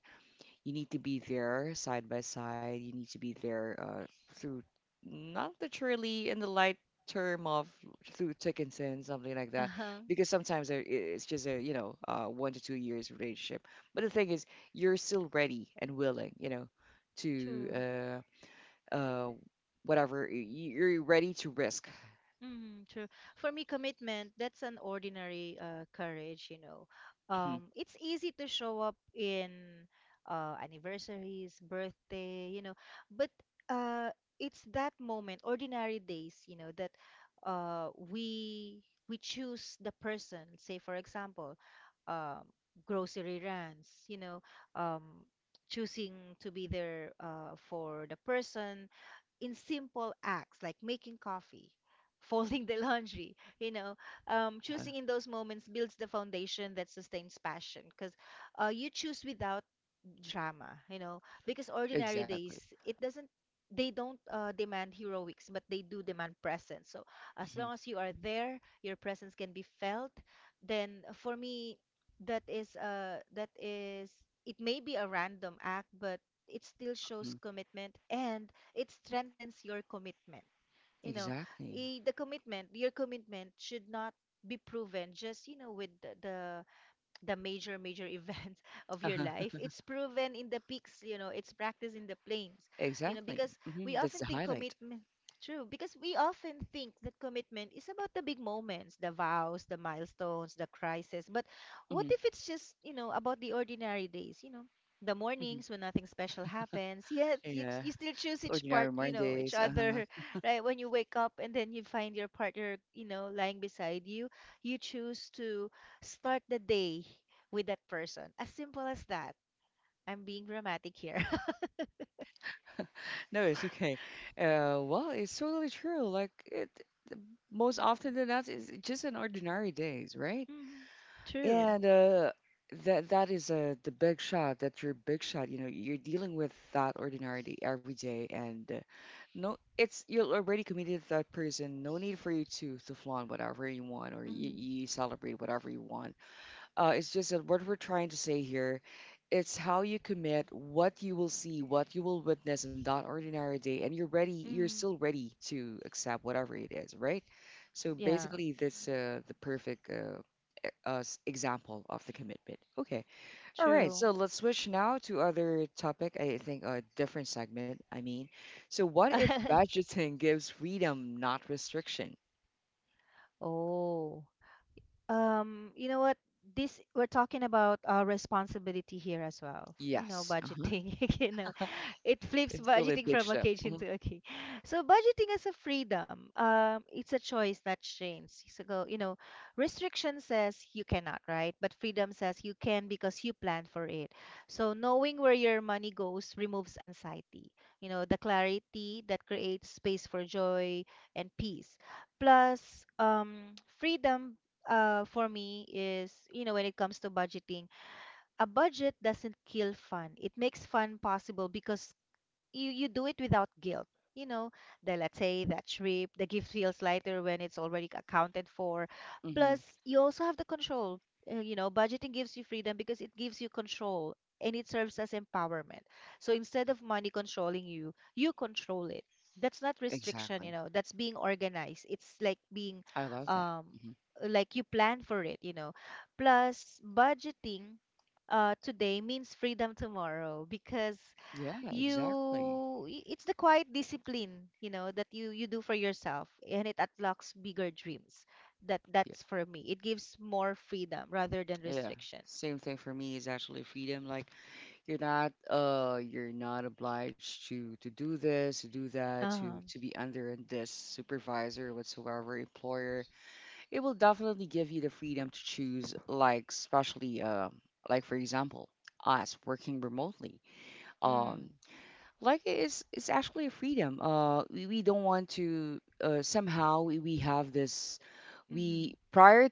Speaker 1: you need to be there side by side. You need to be there through, not literally in the light term of through thick and thin, something like that.
Speaker 2: Uh-huh.
Speaker 1: Because sometimes it's just a, you know, one to two years relationship. But the thing is, you're still ready and willing, you know,
Speaker 2: True.
Speaker 1: to uh, uh, whatever. You're ready to risk.
Speaker 2: Mhm, true. For me, commitment, that's an ordinary courage, you know.
Speaker 1: Mhm.
Speaker 2: It's easy to show up in anniversaries, birthday, you know, but uh, it's that moment, ordinary days, you know, that, uh, we we choose the person. Say, for example, um, grocery runs, you know, um, choosing to be there for the person in simple acts like making coffee, *laughs* folding the laundry, you know,
Speaker 1: Uh,
Speaker 2: choosing in those moments builds the foundation that sustains passion, because you choose without drama, you know, because ordinary
Speaker 1: exactly.
Speaker 2: days, it doesn't, they don't demand heroics, but they do demand presence. So as
Speaker 1: Mhm.
Speaker 2: long as you are there, your presence can be felt, then for me, that is, it may be a random act, but it still shows
Speaker 1: Mhm.
Speaker 2: commitment and it strengthens your commitment. You know,
Speaker 1: Exactly.
Speaker 2: the commitment, your commitment should not be proven just, you know, with the major major events *laughs* of your
Speaker 1: Uh-huh.
Speaker 2: life. It's proven in the peaks, you know, it's practiced in the plains. You know,
Speaker 1: Exactly.
Speaker 2: because
Speaker 1: Hmm.
Speaker 2: we
Speaker 1: That's the
Speaker 2: often think
Speaker 1: highlight.
Speaker 2: commitment, true, because we often think that commitment is about the big moments, the vows, the milestones, the crisis. But what
Speaker 1: Hmm.
Speaker 2: if it's just, you know, about the ordinary days, you know, the
Speaker 1: Hmm.
Speaker 2: mornings when nothing special happens, yet you,
Speaker 1: Yeah.
Speaker 2: you still choose each
Speaker 1: Ordinary
Speaker 2: part, you know, each
Speaker 1: Mondays. Uh-huh.
Speaker 2: other, *laughs* right? When you wake up and then you find your partner, you know, lying beside you, you choose to start the day with that person. As simple as that. I'm being dramatic here. *laughs*
Speaker 1: No, it's okay. Well, it's totally true. Like it, most often than not, it's just an ordinary days, right?
Speaker 2: Mm, true.
Speaker 1: And that that is the big shot. That your big shot. You know, you're dealing with that ordinarily every day, and no, it's you're already committed to that person. No need for you to flaunt whatever you want, or
Speaker 2: Mm,
Speaker 1: you celebrate whatever you want. It's just that what we're trying to say here, it's how you commit, what you will see, what you will witness in that ordinary day, and you're ready. You're
Speaker 2: mm,
Speaker 1: still ready to accept whatever it is, right? So
Speaker 2: yeah.
Speaker 1: basically, that's the perfect example of the commitment. Okay, all right.
Speaker 2: True.
Speaker 1: So let's switch now to other topic. I think a different segment. I mean, so what if
Speaker 2: *laughs*
Speaker 1: budgeting gives freedom, not restriction?
Speaker 2: Oh. You know what? This, we're talking about our responsibility here as well. You know,
Speaker 1: Yes. Uh huh.
Speaker 2: budgeting. *laughs* You know, it flips
Speaker 1: It's really a
Speaker 2: budgeting
Speaker 1: big
Speaker 2: from
Speaker 1: shift.
Speaker 2: occasion
Speaker 1: Hmm.
Speaker 2: to occasion. So budgeting is a freedom. It's a choice that trains. So go, you know, restriction says you cannot, right? But freedom says you can because you plan for it. So knowing where your money goes removes anxiety. You know, the clarity that creates space for joy and peace. Plus, freedom, for me is, you know, when it comes to budgeting, a budget doesn't kill fun. It makes fun possible because you do it without guilt you know the Let's say that trip, the gift feels lighter when it's already accounted for.
Speaker 1: Hmm.
Speaker 2: Plus you also have the control. You know, budgeting gives you freedom because it gives you control and it serves as empowerment. So instead of money controlling you, you control it. That's not restriction, you
Speaker 1: Exactly.
Speaker 2: know, that's being organized. It's like being
Speaker 1: I love that.
Speaker 2: um
Speaker 1: Hmm.
Speaker 2: like you plan for it, you know. Plus budgeting today means freedom tomorrow because
Speaker 1: Yeah,
Speaker 2: you
Speaker 1: exactly.
Speaker 2: it's the quiet discipline, you know, that you do for yourself and it unlocks bigger dreams. that
Speaker 1: Yeah.
Speaker 2: that's for me, it gives more freedom rather than
Speaker 1: Yeah.
Speaker 2: restriction.
Speaker 1: Same thing for me is actually freedom. Like you're not obliged to do this, to do that,
Speaker 2: Uh-huh.
Speaker 1: to be under this supervisor whatsoever, employer. It will definitely give you the freedom to choose, like especially like for example, us working remotely. Um
Speaker 2: Mm.
Speaker 1: like it's actually a freedom, we don't want to, somehow we have this
Speaker 2: Mm-hmm.
Speaker 1: we prior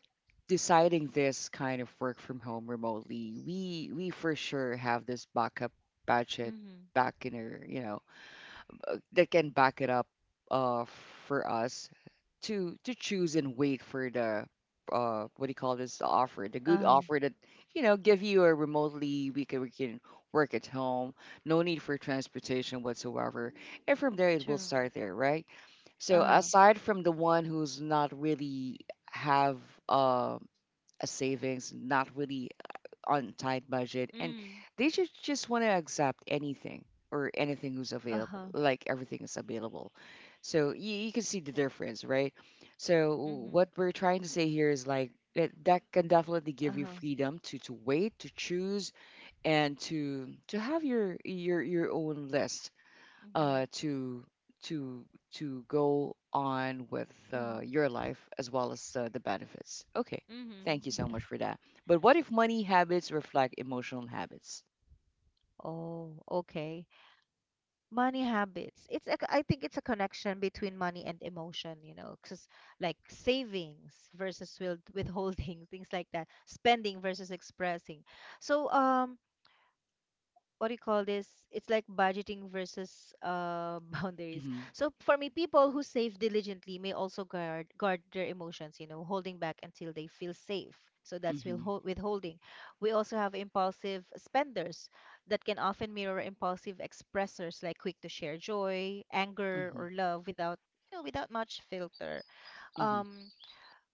Speaker 1: deciding this kind of work from home remotely. We for sure have this backup budget
Speaker 2: Mm-hmm.
Speaker 1: back in our you know, that can back it up uh for us to choose and wait for the what do you call this, the offer, the good
Speaker 2: Uh-huh.
Speaker 1: offer that you know give you a remotely. We can work at home, no need for transportation whatsoever. And from there it will
Speaker 2: True.
Speaker 1: start there, right? So
Speaker 2: Uh-huh.
Speaker 1: aside from the one who's not really have, uh, a savings, not really, on tight budget, and
Speaker 2: Mm.
Speaker 1: they just want to accept anything or anything who's available,
Speaker 2: Uh-huh.
Speaker 1: like everything is available. So you can see the difference, right? So what
Speaker 2: Mm-hmm.
Speaker 1: we're trying to say here is like that can definitely give you
Speaker 2: Uh-huh.
Speaker 1: freedom to wait, to choose, and to have your your own list,
Speaker 2: Mm-hmm. Huh.
Speaker 1: uh, to to to go on with,
Speaker 2: Mm.
Speaker 1: your life, as well as the benefits. Okay, thank you so
Speaker 2: Mm-hmm.
Speaker 1: much for that. But what if money habits reflect emotional habits?
Speaker 2: *laughs* Oh, okay. Money habits. It's a, I think it's a connection between money and emotion, you know, because like savings versus will withholding, *laughs* things like that, spending versus expressing. So what do you call this? It's like budgeting versus *laughs* boundaries.
Speaker 1: Mm-hmm.
Speaker 2: So for me, people who save diligently may also guard their emotions, you know, holding back until they feel safe. So that's
Speaker 1: Mm-hmm.
Speaker 2: withholding. We also have impulsive spenders that can often mirror impulsive expressors, like quick to share joy, anger,
Speaker 1: Mm-hmm.
Speaker 2: or love without without much filter.
Speaker 1: Mm-hmm.
Speaker 2: Um,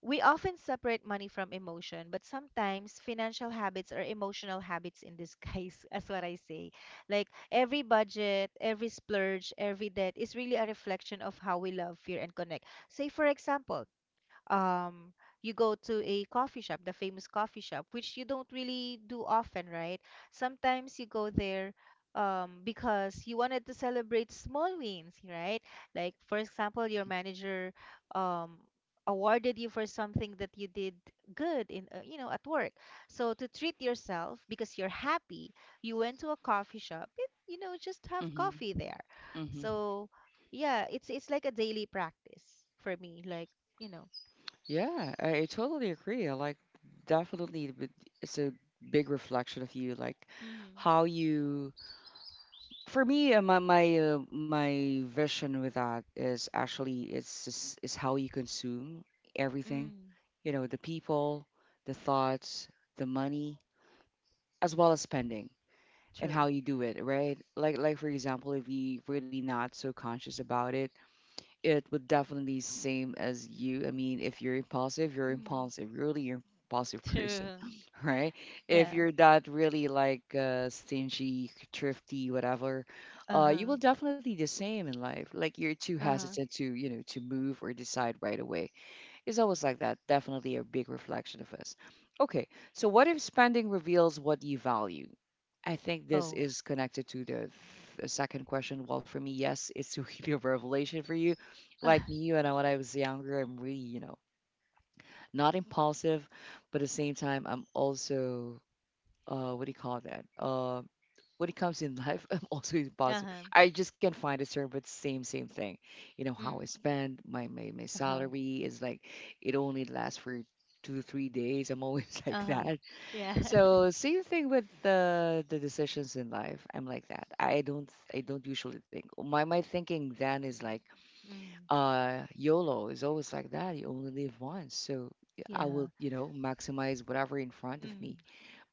Speaker 2: we often separate money from emotion, but sometimes financial habits are emotional habits in disguise, *laughs* as what I say. Like every budget, every splurge, every debt is really a reflection of how we love, fear, and connect. Say, for example, um you go to a coffee shop, the famous coffee shop, which you don't really do often, right? Sometimes you go there because you wanted to celebrate small wins, right? Like for example, your manager um awarded you for something that you did good in you know, at work. So to treat yourself because you're happy, you went to a coffee shop, it, you know, just have
Speaker 1: Mm-hmm.
Speaker 2: coffee there.
Speaker 1: Mm-hmm.
Speaker 2: So yeah, it's like a daily practice for me, like, you know.
Speaker 1: Yeah, I totally agree. I like definitely it's a big reflection of you, like
Speaker 2: Mhm.
Speaker 1: how you for me, my my my vision with that is actually is how you consume everything,
Speaker 2: Mm.
Speaker 1: you know, the people, the thoughts, the money, as well as spending and how
Speaker 2: True.
Speaker 1: you do it, right? Like for example, if you really not so conscious about it, it would definitely same as you. I mean, if you're impulsive, you're
Speaker 2: Mm.
Speaker 1: impulsive. Really, you're impulsive person,
Speaker 2: True.
Speaker 1: *laughs* right? If
Speaker 2: Yeah.
Speaker 1: you're that really like, stingy, thrifty, whatever, you will
Speaker 2: Uh-huh.
Speaker 1: definitely the same in life. Like you're too
Speaker 2: Uh-huh.
Speaker 1: hesitant to, you know, to move or decide right away. It's always like that. Definitely a big reflection of us. Okay, so what if spending reveals what you value? I think this
Speaker 2: Oh.
Speaker 1: is connected to the second question. Well, for me, yes, it's *laughs* really a revelation for you. Like me,
Speaker 2: *laughs*
Speaker 1: when I was younger, I'm really, you know, not impulsive, but at the same time, I'm also, what do you call that? When it comes in life, *laughs* I'm also impulsive.
Speaker 2: Uh-huh.
Speaker 1: I just can't find a term, but same thing. You know how I
Speaker 2: Mm.
Speaker 1: spend my
Speaker 2: Uh-huh.
Speaker 1: salary is like it only lasts for two to three days. I'm always *laughs* like
Speaker 2: Uh-huh.
Speaker 1: that.
Speaker 2: Yeah. *laughs*
Speaker 1: So same thing with the decisions in life. I'm like that. I don't usually think. My thinking then is like
Speaker 2: Mm.
Speaker 1: YOLO is always like that. You only live once, so I will
Speaker 2: Yeah.
Speaker 1: you know maximize whatever in front of
Speaker 2: Mm.
Speaker 1: me.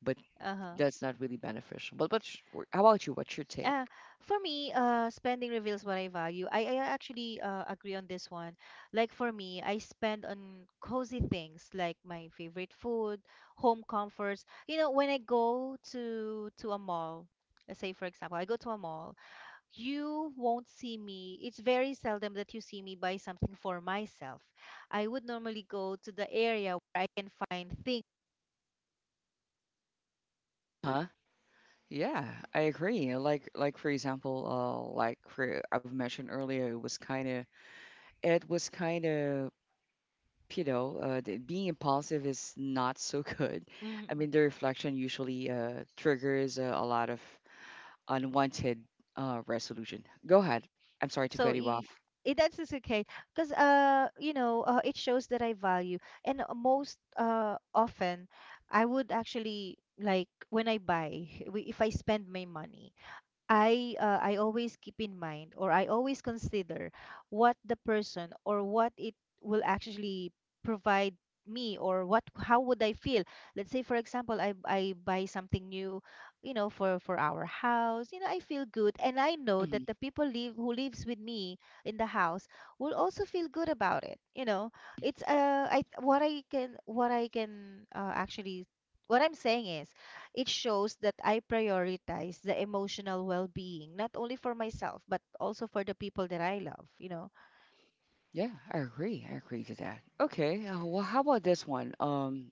Speaker 1: But
Speaker 2: Uh-huh.
Speaker 1: that's not really beneficial. But how about you? What's your take?
Speaker 2: Uh, for me, spending reveals what I value. I actually agree on this one. Like for me, I spend on cozy things like my favorite food, home comforts. You know, when I go to a mall, let's say for example, I go to a mall, you won't see me. It's very seldom that you see me buy something for myself. I would normally go to the area where I can find things.
Speaker 1: Huh? Yeah, I agree. Like for example, like for I've mentioned earlier, it was kind of it was kind of you know, being impulsive is not so *laughs* good. I
Speaker 2: Mm.
Speaker 1: mean, the reflection usually triggers, a lot of unwanted resolution. Go ahead. I'm sorry to cut
Speaker 2: So
Speaker 1: you off.
Speaker 2: i- it that's just okay because you know, it shows that I value and most often I would actually like when I buy, *laughs* if I spend my money, I always keep in mind or I always consider what the person or what it will actually provide me, or what, how would I feel? Let's say for example, I buy something new, you know, for our house. You know, I feel good and I know
Speaker 1: Hmm.
Speaker 2: that the people live who lives with me in the house will also feel good about it. You know, it's I what I can actually, what I'm saying is it shows that I prioritize the emotional well-being, not only for myself, but also for the people that I love, you know.
Speaker 1: Yeah, I agree. I agree to that. Okay, well, how about this one?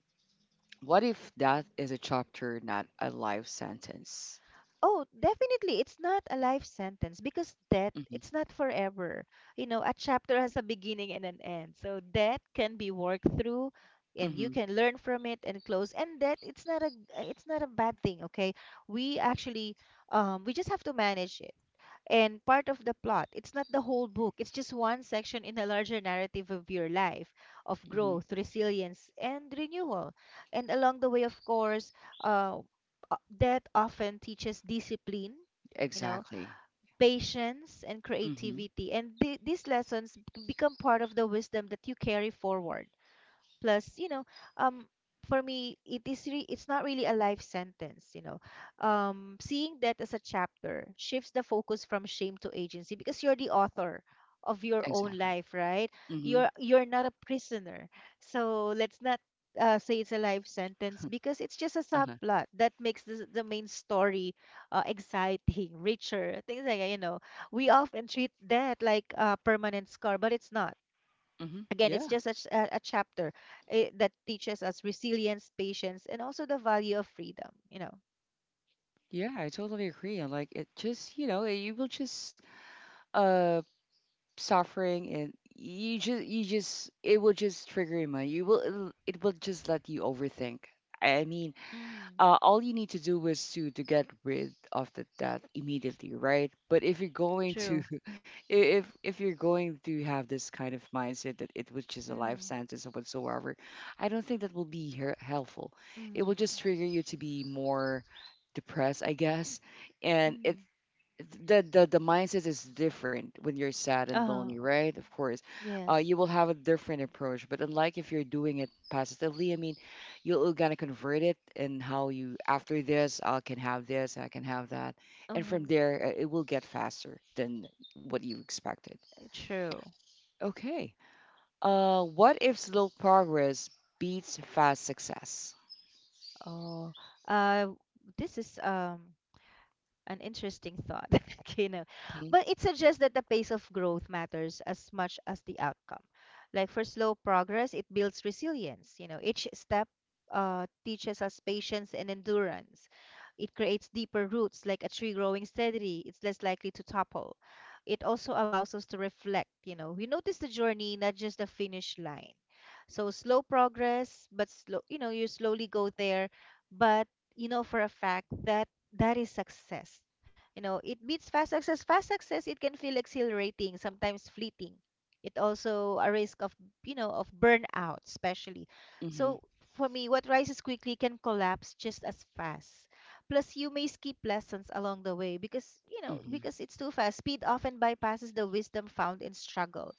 Speaker 1: What if that is a chapter, not a life sentence?
Speaker 2: Oh, definitely, it's not a life sentence because death,
Speaker 1: Mm-hmm.
Speaker 2: it's not forever. You know, a chapter has a beginning and an end. So death can be worked through and you
Speaker 1: Mm-hmm.
Speaker 2: can learn from it and close. And that it's not a, it's not a bad thing, okay? We actually we just have to manage it, and part of the plot. It's not the whole book, it's just one section in a larger narrative of your life, of
Speaker 1: Mm-hmm.
Speaker 2: growth, resilience, and renewal. And along the way, of course, uh, that often teaches discipline, you know,
Speaker 1: Exactly.
Speaker 2: patience, and
Speaker 1: Hmm.
Speaker 2: creativity. And these become part of the wisdom that you carry forward, plus you know, um for me it it's not really a life sentence, you know. Seeing that as a chapter shifts the focus from shame to agency because you're the author of your own
Speaker 1: Exactly.
Speaker 2: life, right?
Speaker 1: Hmm.
Speaker 2: You're not a prisoner. So let's not say it's a life sentence because it's just a
Speaker 1: Uh-huh.
Speaker 2: subplot that makes the main story exciting, *laughs* richer, things like that, you know. We often treat that like a permanent scar, but it's not.
Speaker 1: Hmm.
Speaker 2: Again, it's
Speaker 1: Yeah.
Speaker 2: just a, a chapter, eh, that teaches us resilience, patience, and also the value of freedom, you know.
Speaker 1: Yeah, I totally agree. And like it just, you know, you will just uh suffering and you just it will just trigger you. You will it will just let you overthink. I mean,
Speaker 2: Mm,
Speaker 1: all you need to do is to get rid of the debt immediately, right? But if you're going to,
Speaker 2: true.
Speaker 1: *laughs* if you're going to have this kind of mindset that it was just a life
Speaker 2: Mm,
Speaker 1: sentence or whatsoever, I don't think that will be helpful. It will just
Speaker 2: mm,
Speaker 1: trigger you to be more depressed, I guess, and it
Speaker 2: mm.
Speaker 1: the mindset is different when you're sad and lonely,
Speaker 2: Oh,
Speaker 1: right? Of course,
Speaker 2: yes.
Speaker 1: you will have a different approach. But unlike if you're doing it positively, I mean, you're gonna convert it in how you after this, I can have this, I can have that, and from
Speaker 2: Um,
Speaker 1: there it will get faster than what you expected.
Speaker 2: true.
Speaker 1: Okay. What if slow progress beats fast success?
Speaker 2: Oh, uh, this is um, an interesting thought, *laughs* you know.
Speaker 1: Mm-hmm.
Speaker 2: But it suggests that the pace of growth matters as much as the outcome. Like for slow progress, it builds resilience. You know, each step teaches us patience and endurance. It creates deeper roots. Like a tree growing steadily, it's less likely to topple. It also allows us to reflect, you know, we notice the journey, not just the finish line. So slow progress, but slow, you know, you slowly go there, but you know for a fact that that is success. You know, it beats fast success. Fast success, it can feel exhilarating, sometimes fleeting. It also a risk of, you know, of burnout, especially.
Speaker 1: Mm-hmm.
Speaker 2: So for me, what rises quickly can collapse just as fast. Plus, you may skip lessons along the way because, you know, because it's too fast. Speed often bypasses the wisdom found in struggle,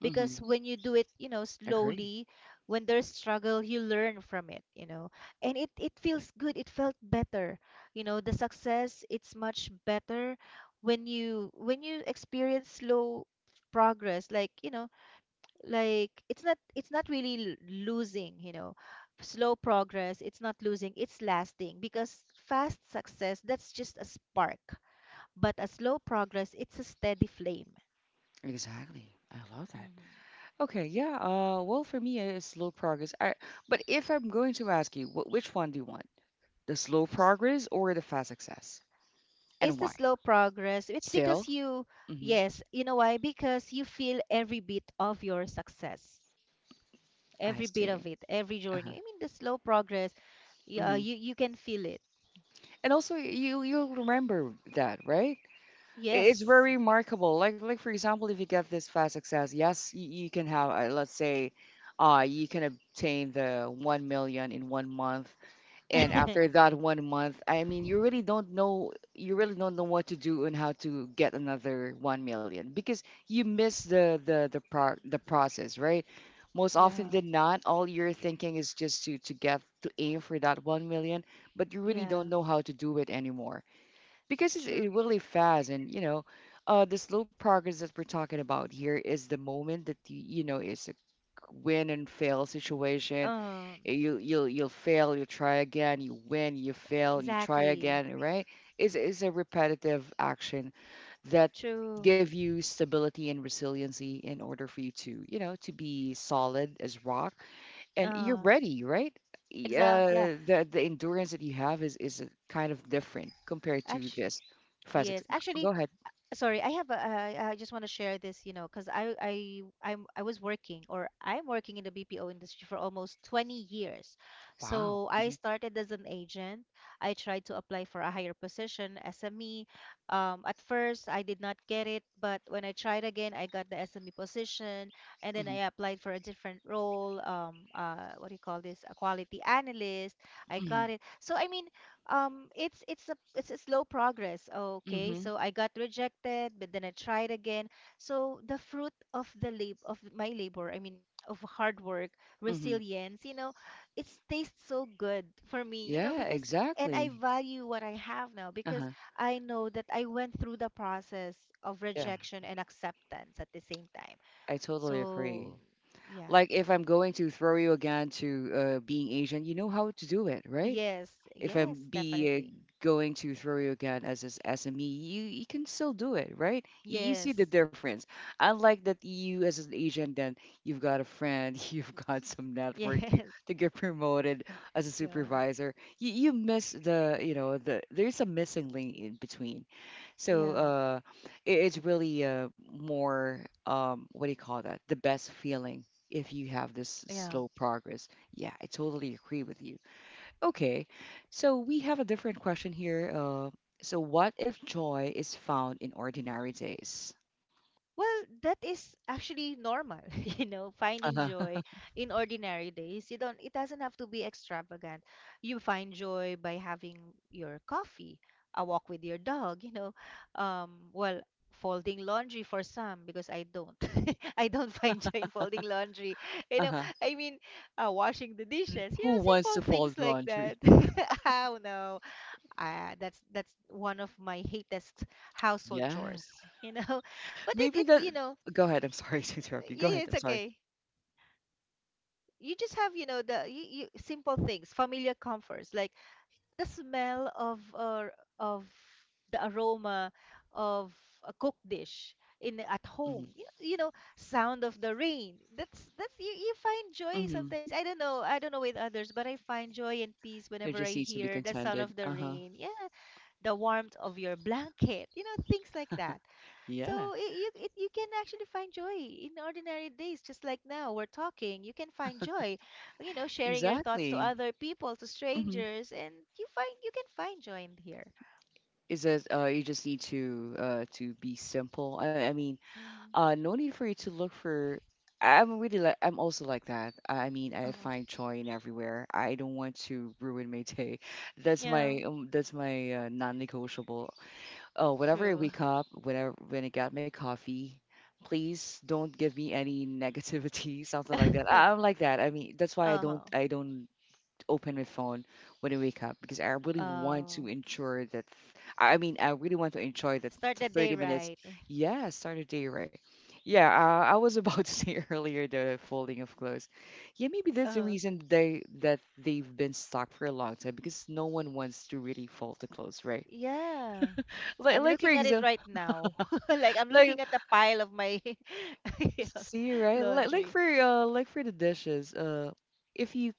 Speaker 1: Mm-hmm.
Speaker 2: because when you do it, you know,
Speaker 1: Agree.
Speaker 2: slowly, when there's struggle, you learn from it, you know, and it feels good, it felt better, you know, the success, it's much better when you experience slow progress, like, you know, like it's not, losing, you know. Slow progress, it's not losing, it's lasting, because fast success, that's just a spark, but a slow progress, it's a steady flame.
Speaker 1: Exactly. I love that.
Speaker 2: Hmm.
Speaker 1: Okay, yeah. Well, for me, it's slow progress. But if I'm going to ask you, which one do you want? The slow progress or the fast success?
Speaker 2: It's
Speaker 1: And
Speaker 2: the
Speaker 1: why?
Speaker 2: slow progress. It's
Speaker 1: Still?
Speaker 2: because you,
Speaker 1: Mm-hmm.
Speaker 2: yes, you know why? Because you feel every bit of your success,
Speaker 1: I
Speaker 2: every bit
Speaker 1: see.
Speaker 2: of it, every journey.
Speaker 1: Uh-huh.
Speaker 2: I mean, the slow progress, yeah,
Speaker 1: Mm-hmm.
Speaker 2: you can feel it.
Speaker 1: And also, you you'll remember that, right? It's
Speaker 2: Yes.
Speaker 1: very remarkable. Like for example, if you get this fast success, yes, you can have, let's say, you can obtain the 1 million in 1 month, and after
Speaker 2: *laughs*
Speaker 1: that 1 month, I mean you really don't know, what to do and how to get another 1 million, because you miss the process, right? Most often
Speaker 2: Yeah,
Speaker 1: than not, all you're thinking is just to get to aim for that 1 million, but you really
Speaker 2: yeah,
Speaker 1: don't know how to do it anymore because it's
Speaker 2: true.
Speaker 1: it really fast. And you know, the slow progress that we're talking about here is the moment that you know, it's a win and fail situation.
Speaker 2: Um,
Speaker 1: You'll fail, you try again, you win, you fail, you try
Speaker 2: exactly.
Speaker 1: again, right? It's a repetitive action that
Speaker 2: True.
Speaker 1: give you stability and resiliency in order for you to you know to be solid as rock, and you're
Speaker 2: Uh,
Speaker 1: ready, right?
Speaker 2: exact. Yeah.
Speaker 1: The endurance that you have is a kind of different compared to
Speaker 2: Actually,
Speaker 1: this. Physics.
Speaker 2: yes. Actually,
Speaker 1: Go ahead.
Speaker 2: sorry, I just want to share this, you know, because I was working or I'm working in the bpo industry for almost 20 years.
Speaker 1: Wow.
Speaker 2: So I
Speaker 1: Hmm.
Speaker 2: started as an agent. I tried to apply for a higher position, sme. At first I did not get it, but when I tried again I got the sme position. And then
Speaker 1: Hmm.
Speaker 2: I applied for a different role, what do you call this, a quality analyst. I
Speaker 1: Hmm.
Speaker 2: got it. So I mean, it's it's a slow progress, okay.
Speaker 1: Hmm.
Speaker 2: So I got rejected, but then I tried again. So the fruit of the lab of my labor, I mean, of hard work,
Speaker 1: Hmm.
Speaker 2: resilience, you know, it tastes so good for me, you know,
Speaker 1: Yeah,
Speaker 2: because, and I
Speaker 1: exactly.
Speaker 2: value what I have now, because
Speaker 1: Uh-huh.
Speaker 2: I know that I went through the process of
Speaker 1: Yeah,
Speaker 2: rejection and acceptance at the same time.
Speaker 1: I totally
Speaker 2: So
Speaker 1: agree.
Speaker 2: yeah.
Speaker 1: Like if I'm going to throw you again to, being Asian, you know how to do it, right?
Speaker 2: Yes,
Speaker 1: If I'm
Speaker 2: yes,
Speaker 1: be
Speaker 2: definitely.
Speaker 1: going to throw you again as SME, you can still do it, right? You see the
Speaker 2: Yes.
Speaker 1: difference. Unlike that you as an agent, then you've got a friend, *laughs* you've got some
Speaker 2: *laughs* Yes.
Speaker 1: network to get promoted as a
Speaker 2: Yeah,
Speaker 1: supervisor. You miss the you know the there's a missing link in between. So
Speaker 2: yeah.
Speaker 1: it's really, more, what do you call that? The best feeling if you have this
Speaker 2: Yeah.
Speaker 1: slow progress. Yeah, I totally agree with you. Okay, so we have a different question here. So, what if joy is found in ordinary days?
Speaker 2: Well, that is actually normal, *laughs* you know, finding
Speaker 1: Uh-huh,
Speaker 2: joy in ordinary days. You don't, it doesn't have to be extravagant. You find joy by having your coffee, a walk with your dog, you know, well, folding laundry for some because I don't. *laughs* I don't find joy in folding laundry. You know,
Speaker 1: uh-huh.
Speaker 2: I mean, washing the dishes, you
Speaker 1: Who
Speaker 2: know,
Speaker 1: wants to
Speaker 2: simple things
Speaker 1: fold
Speaker 2: like
Speaker 1: laundry?
Speaker 2: that.
Speaker 1: *laughs*
Speaker 2: *laughs* Oh no. That's one of my hatest household
Speaker 1: Yeah,
Speaker 2: chores, *laughs* you know. But it
Speaker 1: maybe
Speaker 2: it
Speaker 1: that.
Speaker 2: you know,
Speaker 1: Go ahead. I'm sorry *laughs* to interrupt you. Go
Speaker 2: yeah, yeah,
Speaker 1: ahead.
Speaker 2: it's
Speaker 1: I'm sorry.
Speaker 2: okay. You just have, you know, you, simple things, familiar comforts like the smell of of the aroma of a cooked dish in at
Speaker 1: Hmm.
Speaker 2: home. You know, sound of the rain. That's, you, you find joy
Speaker 1: Hmm.
Speaker 2: sometimes. I don't know. I don't know with others, but I find joy and peace
Speaker 1: There
Speaker 2: whenever I
Speaker 1: just needs to be
Speaker 2: hear the sound
Speaker 1: contented.
Speaker 2: of the
Speaker 1: Uh huh.
Speaker 2: rain. Yeah, the warmth of your blanket, you know, things like that.
Speaker 1: Yeah.
Speaker 2: So it, you can actually find joy in ordinary days, just like now we're talking. You can find joy, you know, sharing your thoughts to
Speaker 1: Exactly.
Speaker 2: other people, to
Speaker 1: Hmm.
Speaker 2: strangers, and you can find joy in here.
Speaker 1: Is that you just need to be simple? I mean.
Speaker 2: Mm-hmm.
Speaker 1: No need for you to look for I'm really like I'm also like that I mean I
Speaker 2: Uh-huh.
Speaker 1: find joy in everywhere, I don't want to ruin my day. *laughs* That's
Speaker 2: Yeah,
Speaker 1: my that's my, non-negotiable. Oh whenever I
Speaker 2: true.
Speaker 1: wake up, when I get my coffee, please don't give me any negativity, *laughs* something like that.
Speaker 2: *laughs*
Speaker 1: I'm like that, I mean that's why i don't
Speaker 2: Uh-huh.
Speaker 1: i don't open my phone when I wake up, because I really want
Speaker 2: Uh.
Speaker 1: to ensure that I mean I really want to enjoy that
Speaker 2: Start the day
Speaker 1: 30 minutes.
Speaker 2: right.
Speaker 1: Yeah, start a day right. Yeah, I was about *laughs* to say earlier the folding of clothes. Yeah, maybe that's the
Speaker 2: Uh-huh.
Speaker 1: reason they that they've been stuck for a long time, because no one wants to really fold the clothes, right?
Speaker 2: Yeah. I'm
Speaker 1: Like for
Speaker 2: looking at it
Speaker 1: example,
Speaker 2: right now. *laughs* Like I'm
Speaker 1: like
Speaker 2: looking at the pile of my *laughs* yeah,
Speaker 1: see right,
Speaker 2: laundry.
Speaker 1: like for the dishes, if you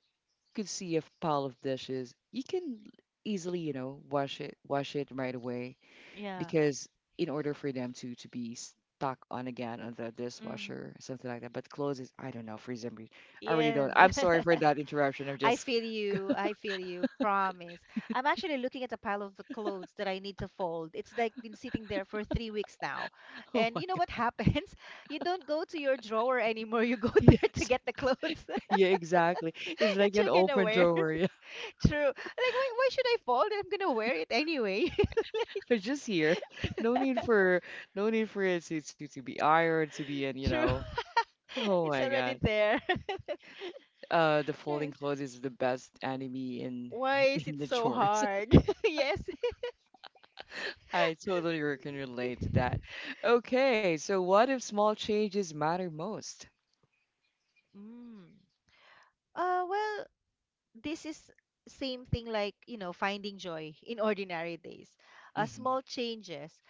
Speaker 1: could see a pile of dishes, you can easily, you know, wash it right away
Speaker 2: Yeah.
Speaker 1: because in order for them to be stuck on again on the dishwasher,
Speaker 2: Mm,
Speaker 1: something like that. But clothes is I don't know for some reason. I really
Speaker 2: yes.
Speaker 1: don't. I'm sorry for
Speaker 2: *laughs*
Speaker 1: that interruption. I'm
Speaker 2: I
Speaker 1: just
Speaker 2: feel you. I feel you. Promise. I'm actually looking at a pile of the clothes that I need to fold. It's like been sitting there for 3 weeks now.
Speaker 1: *laughs* oh
Speaker 2: And
Speaker 1: my.
Speaker 2: you know what happens? *laughs* You don't go to your drawer anymore. You go *laughs* there to
Speaker 1: Yes.
Speaker 2: get the clothes
Speaker 1: *laughs*
Speaker 2: *laughs*
Speaker 1: Yeah exactly. It's like
Speaker 2: that
Speaker 1: an
Speaker 2: you're gonna
Speaker 1: open
Speaker 2: wear.
Speaker 1: drawer. Yeah,
Speaker 2: *laughs* True. Like, why should I fold it? I'm gonna wear it anyway.
Speaker 1: *laughs* it's just here. No need for no need for it to be ironed to be in you
Speaker 2: *laughs* True.
Speaker 1: know.
Speaker 2: *laughs*
Speaker 1: Oh
Speaker 2: It's
Speaker 1: my
Speaker 2: already
Speaker 1: god.
Speaker 2: there.
Speaker 1: The folding clothes
Speaker 2: *laughs*
Speaker 1: is the best enemy in
Speaker 2: Why
Speaker 1: *laughs*
Speaker 2: is
Speaker 1: in
Speaker 2: it
Speaker 1: the
Speaker 2: so
Speaker 1: chores.
Speaker 2: hard? *laughs* Yes.
Speaker 1: I totally can relate to
Speaker 2: *laughs*
Speaker 1: that. Okay, so what if small changes matter most?
Speaker 2: Mm. Well, this is same thing, like, you know, finding joy in ordinary days.
Speaker 1: Hmm.
Speaker 2: Small changes,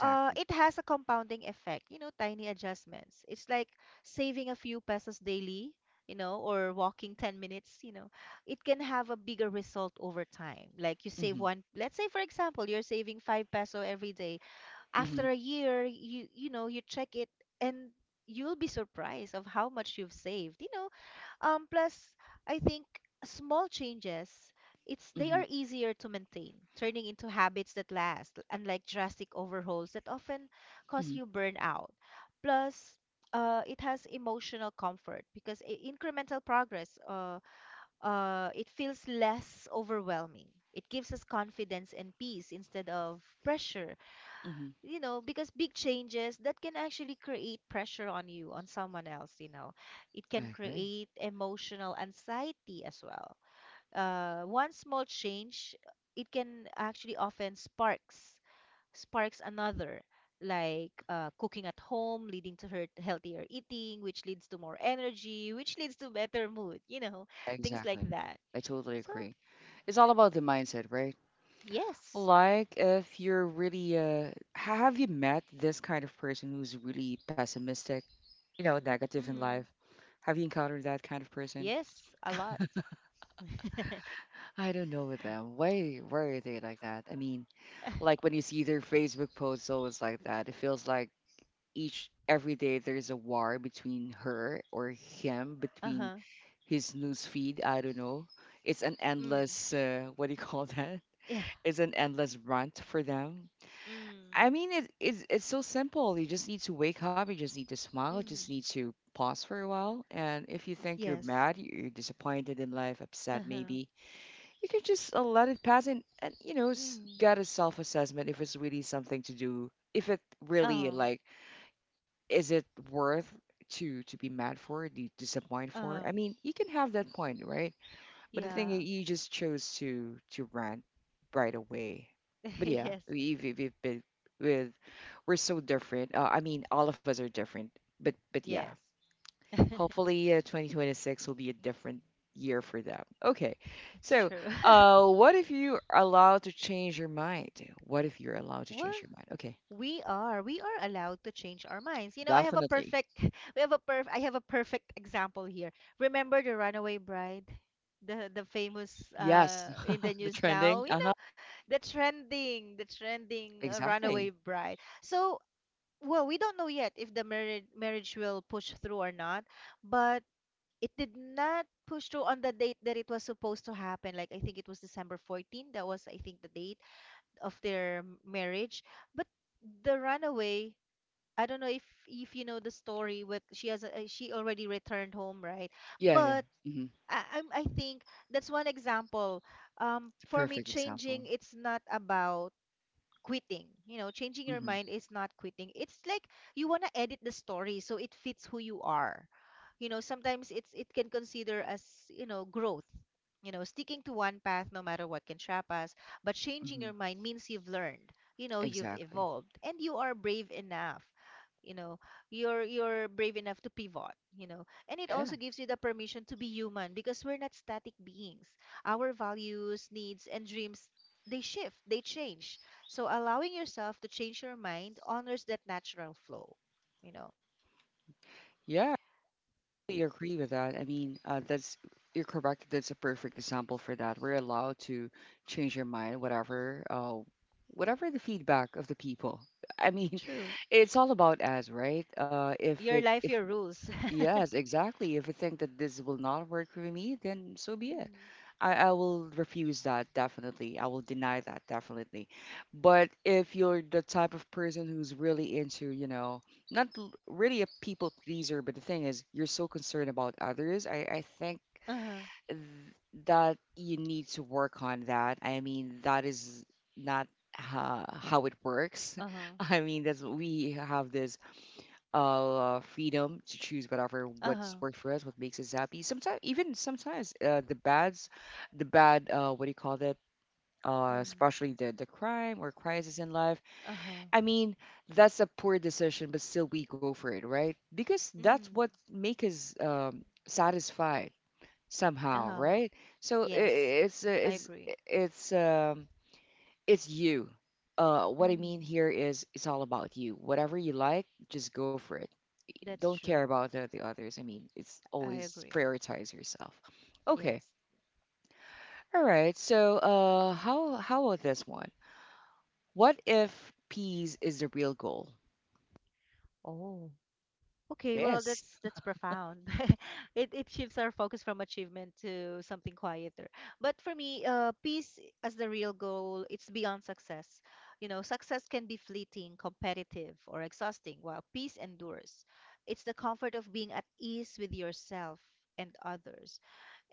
Speaker 2: it has a compounding effect, you know, tiny adjustments. It's like saving a few pesos daily, you know, or walking 10 minutes, you know, it can have a bigger result over time. Like, you save
Speaker 1: Hmm.
Speaker 2: one, let's say, for example, you're saving 5 peso every day.
Speaker 1: Hmm.
Speaker 2: After a year, you know, you check it, and you'll be surprised of how much you've saved, you know. Plus, I think small changes, it's they
Speaker 1: Hmm.
Speaker 2: are easier to maintain, turning into habits that last, unlike drastic overhauls that often cause
Speaker 1: Hmm.
Speaker 2: you burnout. Plus, it has emotional comfort because incremental progress, it feels less overwhelming. It gives us confidence and peace instead of pressure,
Speaker 1: Hmm.
Speaker 2: you know, because big changes that can actually create pressure on you, on someone else, you know, it can
Speaker 1: I agree.
Speaker 2: create emotional anxiety as well. One small change, it can actually often sparks another, like, cooking at home leading to her healthier eating, which leads to more energy, which leads to better mood, you know, things like
Speaker 1: Exactly.
Speaker 2: that.
Speaker 1: I totally
Speaker 2: So
Speaker 1: agree. It's all about the mindset, right?
Speaker 2: yes.
Speaker 1: Like if you're really have you met this kind of person who's really pessimistic, you know, negative in life?
Speaker 2: Mm,
Speaker 1: Have you encountered that kind of person?
Speaker 2: yes, a lot. *laughs*
Speaker 1: I don't know with them. Why are they like that? Like when you see their Facebook posts always like that, it feels like each every day there's a war between her or him, between
Speaker 2: Uh-huh.
Speaker 1: his news feed. I don't know. It's an
Speaker 2: Mm,
Speaker 1: endless what do you call that?
Speaker 2: yeah.
Speaker 1: *laughs* It's an endless rant for them. I
Speaker 2: Mm.
Speaker 1: mean, it's so simple. You just need to wake up. You just need to smile. You just
Speaker 2: Mm.
Speaker 1: need to pause for a while. And if you think you're
Speaker 2: Yes.
Speaker 1: mad, you're disappointed in life, upset
Speaker 2: Uh-huh.
Speaker 1: maybe, you can just let it pass and
Speaker 2: Mm.
Speaker 1: get a self-assessment if it's really something to do if it really
Speaker 2: Uh-huh.
Speaker 1: like, is it worth to be mad for, to disappoint for?
Speaker 2: Uh-huh.
Speaker 1: I mean, you can have that point, right? But the
Speaker 2: Yeah.
Speaker 1: thing is, you just chose to rant right away. But
Speaker 2: *laughs*
Speaker 1: yeah,
Speaker 2: Yes.
Speaker 1: we've been with, we're so different. I mean, all of us are different, but yeah.
Speaker 2: Yes. *laughs*
Speaker 1: Hopefully, 2026 will be a different year for them. Okay.
Speaker 2: It's
Speaker 1: So,
Speaker 2: true. *laughs*
Speaker 1: what if you're allowed to change your mind? What if you're allowed to change
Speaker 2: Well,
Speaker 1: your mind? Okay.
Speaker 2: we are. We are allowed to change our minds. You know, I have a
Speaker 1: Definitely.
Speaker 2: perfect *laughs* we have a perf I have a perfect example here. Remember the Runaway Bride? The famous,
Speaker 1: Yes.
Speaker 2: in the
Speaker 1: *laughs* The
Speaker 2: news
Speaker 1: trending.
Speaker 2: now, you
Speaker 1: Uh huh.
Speaker 2: know, the trending, Runaway
Speaker 1: Exactly.
Speaker 2: Bride. So, well, we don't know yet if the marriage will push through or not, but it did not push through on the date that it was supposed to happen. Like, I think it was December 14th. That was, I think, the date of their marriage. But the runaway, I don't know if you know the story, but she already returned home, right?
Speaker 1: Yeah, yeah.
Speaker 2: But
Speaker 1: Mm-hmm.
Speaker 2: I think that's one example. For me,
Speaker 1: Perfect example.
Speaker 2: changing, it's not about quitting. You know, changing your
Speaker 1: Mm-hmm.
Speaker 2: mind is not quitting. It's like you want to edit the story so it fits who you are. You know, sometimes it can consider as, you know, growth. You know, sticking to one path no matter what can trap us, but changing
Speaker 1: Mm-hmm.
Speaker 2: your mind means you've learned. You know, you've
Speaker 1: Exactly.
Speaker 2: evolved and you are brave enough. You know, you're brave enough to pivot, you know. And it
Speaker 1: Yeah.
Speaker 2: also gives you the permission to be human because we're not static beings. Our values, needs, and dreams, they shift, they change. So allowing yourself to change your mind honors that natural flow. You know.
Speaker 1: Yeah, totally agree with that. I mean, that's, you're correct. That's a perfect example for that. We're allowed to change our mind, whatever, whatever the feedback of the people. I mean,
Speaker 2: True.
Speaker 1: *laughs* it's all about us, right? Uh, if
Speaker 2: Your
Speaker 1: it, if
Speaker 2: life, your rules. *laughs*
Speaker 1: yes, exactly. If you think that this will not work for me, then so be it.
Speaker 2: Mm.
Speaker 1: I will refuse that definitely. I will deny that definitely. But if you're the type of person who's really into, you know, not really a people pleaser, but the thing is, you're so concerned about others, I think
Speaker 2: Uh-huh.
Speaker 1: th- that you need to work on that. I mean, that is not how it works.
Speaker 2: Uh-huh.
Speaker 1: *laughs* I mean, that's, we have this freedom to choose whatever what's
Speaker 2: Uh-huh.
Speaker 1: worked for us, what makes us happy. Sometimes, even sometimes, the bads, the bad, what do you call that,
Speaker 2: Mm.
Speaker 1: especially the crime or crisis in life.
Speaker 2: Uh-huh.
Speaker 1: I mean, that's a poor decision, but still we go for it, right? Because that's
Speaker 2: Mm.
Speaker 1: what make us, satisfied somehow,
Speaker 2: Uh-huh.
Speaker 1: right? So
Speaker 2: Yes.
Speaker 1: it's
Speaker 2: I
Speaker 1: it's,
Speaker 2: agree.
Speaker 1: it's um it's you, what I mean
Speaker 2: Mm.
Speaker 1: here is it's all about you. Whatever you like, just go for it.
Speaker 2: That's
Speaker 1: Don't care
Speaker 2: true.
Speaker 1: about the others. I mean, it's
Speaker 2: I
Speaker 1: always
Speaker 2: agree.
Speaker 1: prioritize yourself. Okay.
Speaker 2: Yes.
Speaker 1: All right. So, how about this one? What if peace is the real goal?
Speaker 2: Oh. Okay, well,
Speaker 1: Yes.
Speaker 2: that's profound. *laughs* It shifts our focus from achievement to something quieter. But for me, peace as the real goal, it's beyond success. You know, success can be fleeting, competitive, or exhausting, while peace endures. It's the comfort of being at ease with yourself and others.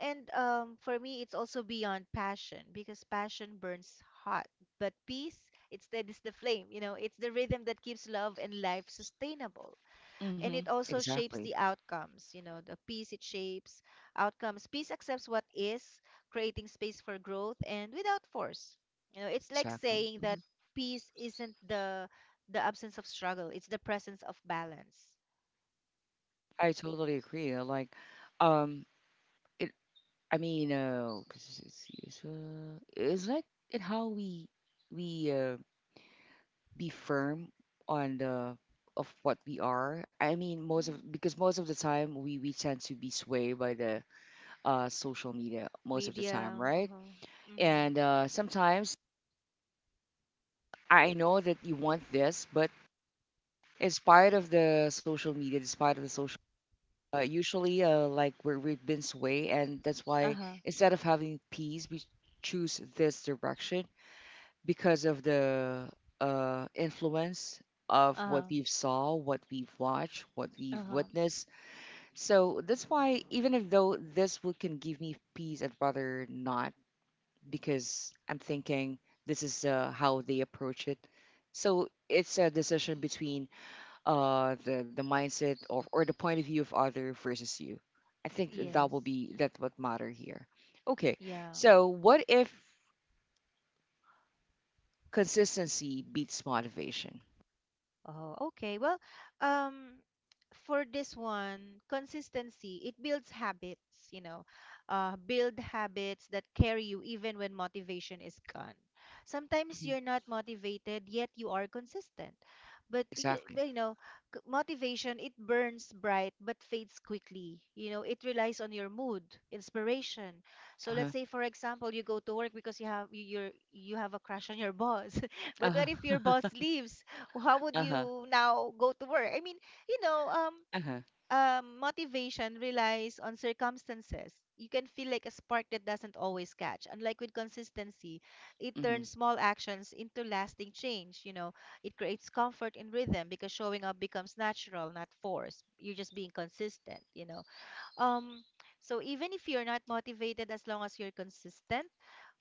Speaker 2: And for me, it's also beyond passion because passion burns hot, but peace, instead, is the flame. You know, it's the rhythm that keeps love and life sustainable, and
Speaker 1: Mm-hmm.
Speaker 2: it also shapes
Speaker 1: Exactly.
Speaker 2: the outcomes. You know, the peace, it shapes outcomes. Peace accepts what is, creating space for growth and without force. You know, it's like
Speaker 1: Exactly.
Speaker 2: saying that
Speaker 1: Hmm.
Speaker 2: peace isn't the absence of struggle, it's the presence of balance.
Speaker 1: I totally agree. Like, um, it. I mean, 'cause it's it's like, it, how we we uh, be firm on the, of what we are. I mean, most of
Speaker 2: Mm.
Speaker 1: because most of the time we tend to be swayed by the social media most of the time,
Speaker 2: Media.
Speaker 1: right?
Speaker 2: Uh-huh. Hmm.
Speaker 1: And sometimes, I know that you want this, but in spite of the social media, despite of the social, usually like we're, we've been swayed, and that's why
Speaker 2: Uh-huh.
Speaker 1: instead of having peace, we choose this direction because of the influence of what
Speaker 2: Uh-huh.
Speaker 1: we've saw, what we've watched, what we've
Speaker 2: Uh-huh.
Speaker 1: witnessed. So that's why even if though this would can give me peace, I'd rather not, because I'm thinking this is how they approach it. So it's a decision between the mindset, or the point of view of other versus you. I think that that
Speaker 2: Yes.
Speaker 1: will be that, what matter here. Okay,
Speaker 2: Yeah.
Speaker 1: so what if consistency beats motivation?
Speaker 2: Oh, okay. Well, um, for this one, consistency, it builds habits, you know, build habits that carry you even when motivation is gone. Sometimes you're not motivated, yet you are consistent. But,
Speaker 1: Exactly.
Speaker 2: you know, motivation, it burns bright but fades quickly. You know, it relies on your mood, inspiration. So
Speaker 1: Uh-huh.
Speaker 2: let's say, for example, you go to work because you have a crush on your boss. *laughs* But
Speaker 1: Uh-huh.
Speaker 2: what if your boss
Speaker 1: *laughs*
Speaker 2: leaves? How would
Speaker 1: Uh-huh.
Speaker 2: you now go to work? I mean, you know,
Speaker 1: Uh-huh.
Speaker 2: motivation relies on circumstances. You can feel like a spark that doesn't always catch. Unlike with consistency, it
Speaker 1: Mm-hmm.
Speaker 2: turns small actions into lasting change. You know, it creates comfort in rhythm because showing up becomes natural, not forced. You're just being consistent. You know, um, so even if you're not motivated, as long as you're consistent,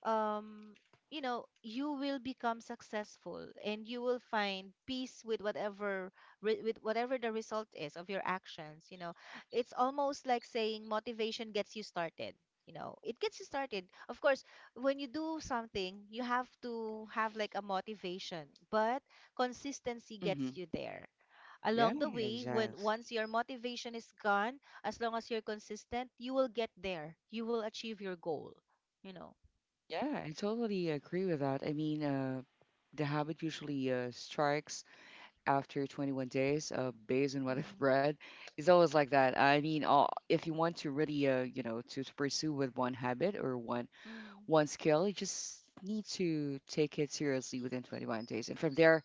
Speaker 2: um, you know, you will become successful and you will find peace with whatever with whatever the result is of your actions, you know. It's almost like saying motivation gets you started. You know, it gets you started. Of course, when you do something, you have to have like a motivation, but consistency
Speaker 1: Mm-hmm.
Speaker 2: gets you there.
Speaker 1: Yeah,
Speaker 2: Along the way, when
Speaker 1: exactly.
Speaker 2: once your motivation is gone, as long as you're consistent, you will get there. You will achieve your goal, you know.
Speaker 1: Yeah, I totally agree with that. I mean, the habit usually strikes after 21 days, based on what I've read. *laughs* It's always like that. I mean, all, if you want to really, you know, to pursue with one habit or
Speaker 2: Mm.
Speaker 1: one skill, you just need to take it seriously within 21 days, and from there,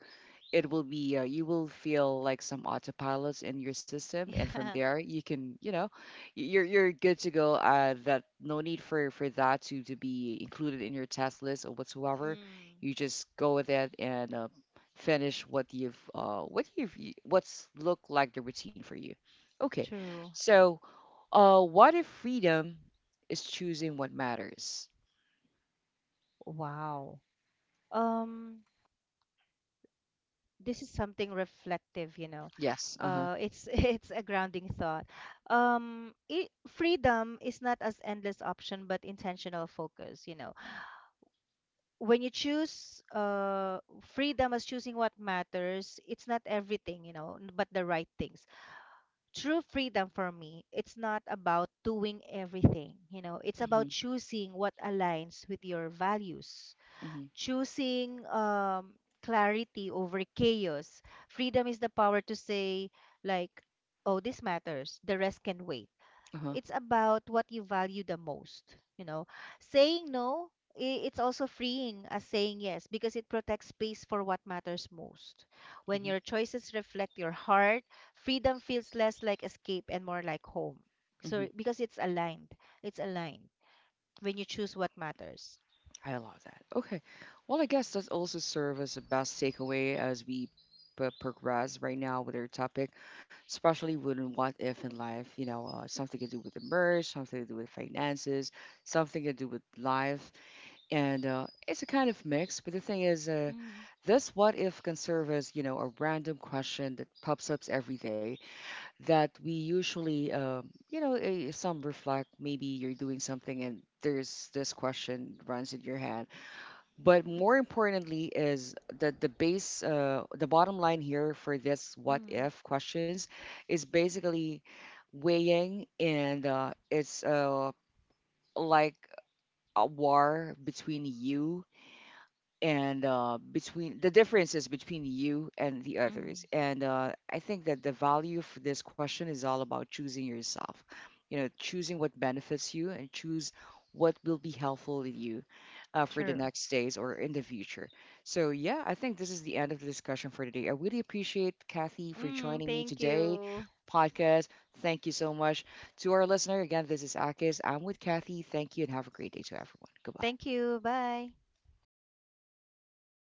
Speaker 1: it will be you will feel like some autopilots in your system,
Speaker 2: *laughs*
Speaker 1: and from
Speaker 2: Yeah.
Speaker 1: there you can, you know, you're good to go. That no need for that to be included in your task list or whatsoever.
Speaker 2: Mm.
Speaker 1: You just go with it, and finish what you've what's looked like the routine for you. Okay.
Speaker 2: True.
Speaker 1: So, what if freedom is choosing what matters?
Speaker 2: Wow. Um, this is something reflective, you know.
Speaker 1: Yes. Uh-huh.
Speaker 2: It's *laughs* It's a grounding thought. It freedom is not as endless option, but intentional focus, you know. When you choose freedom as choosing what matters, it's not everything, you know, but the right things. True freedom for me, it's not about doing everything, you know. It's
Speaker 1: Hmm.
Speaker 2: about choosing what aligns with your values,
Speaker 1: Hmm.
Speaker 2: choosing clarity over chaos. Freedom is the power to say, like, oh, this matters, the rest can wait.
Speaker 1: Uh-huh.
Speaker 2: It's about what you value the most. You know, saying no, it's also freeing as saying yes because it protects space for what matters most. When
Speaker 1: Hmm.
Speaker 2: your choices reflect your heart, freedom feels less like escape and more like home. So, because it's aligned when you choose what matters.
Speaker 1: I love that. Okay. Well, I guess that also serves as the best takeaway as we progress right now with our topic, especially with what if in life, you know, something to do with the merge, something to do with finances, something to do with life. And it's a kind of mix. But the thing is,
Speaker 2: Mm-hmm.
Speaker 1: this what if can serve as, you know, a random question that pops up every day, that we usually, you know, some reflect. Maybe you're doing something and there's this question runs in your head. But more importantly is that the base, the bottom line here for this what
Speaker 2: Mm.
Speaker 1: if questions is basically weighing, and it's like a war between you and, between the differences between you and the others.
Speaker 2: Mm.
Speaker 1: And I think that the value for this question is all about choosing yourself. You know, choosing what benefits you, and choose what will be helpful to you for the
Speaker 2: True.
Speaker 1: next days or in the future. So, yeah, I think this is the end of the discussion for today. I really appreciate Kathy for
Speaker 2: Mm,
Speaker 1: joining me
Speaker 2: thank
Speaker 1: today,
Speaker 2: you.
Speaker 1: podcast. Thank you so much. To our listener, again, this is Akis. I'm with Kathy. Thank you and have a great day to everyone. Goodbye.
Speaker 2: Thank you. Bye.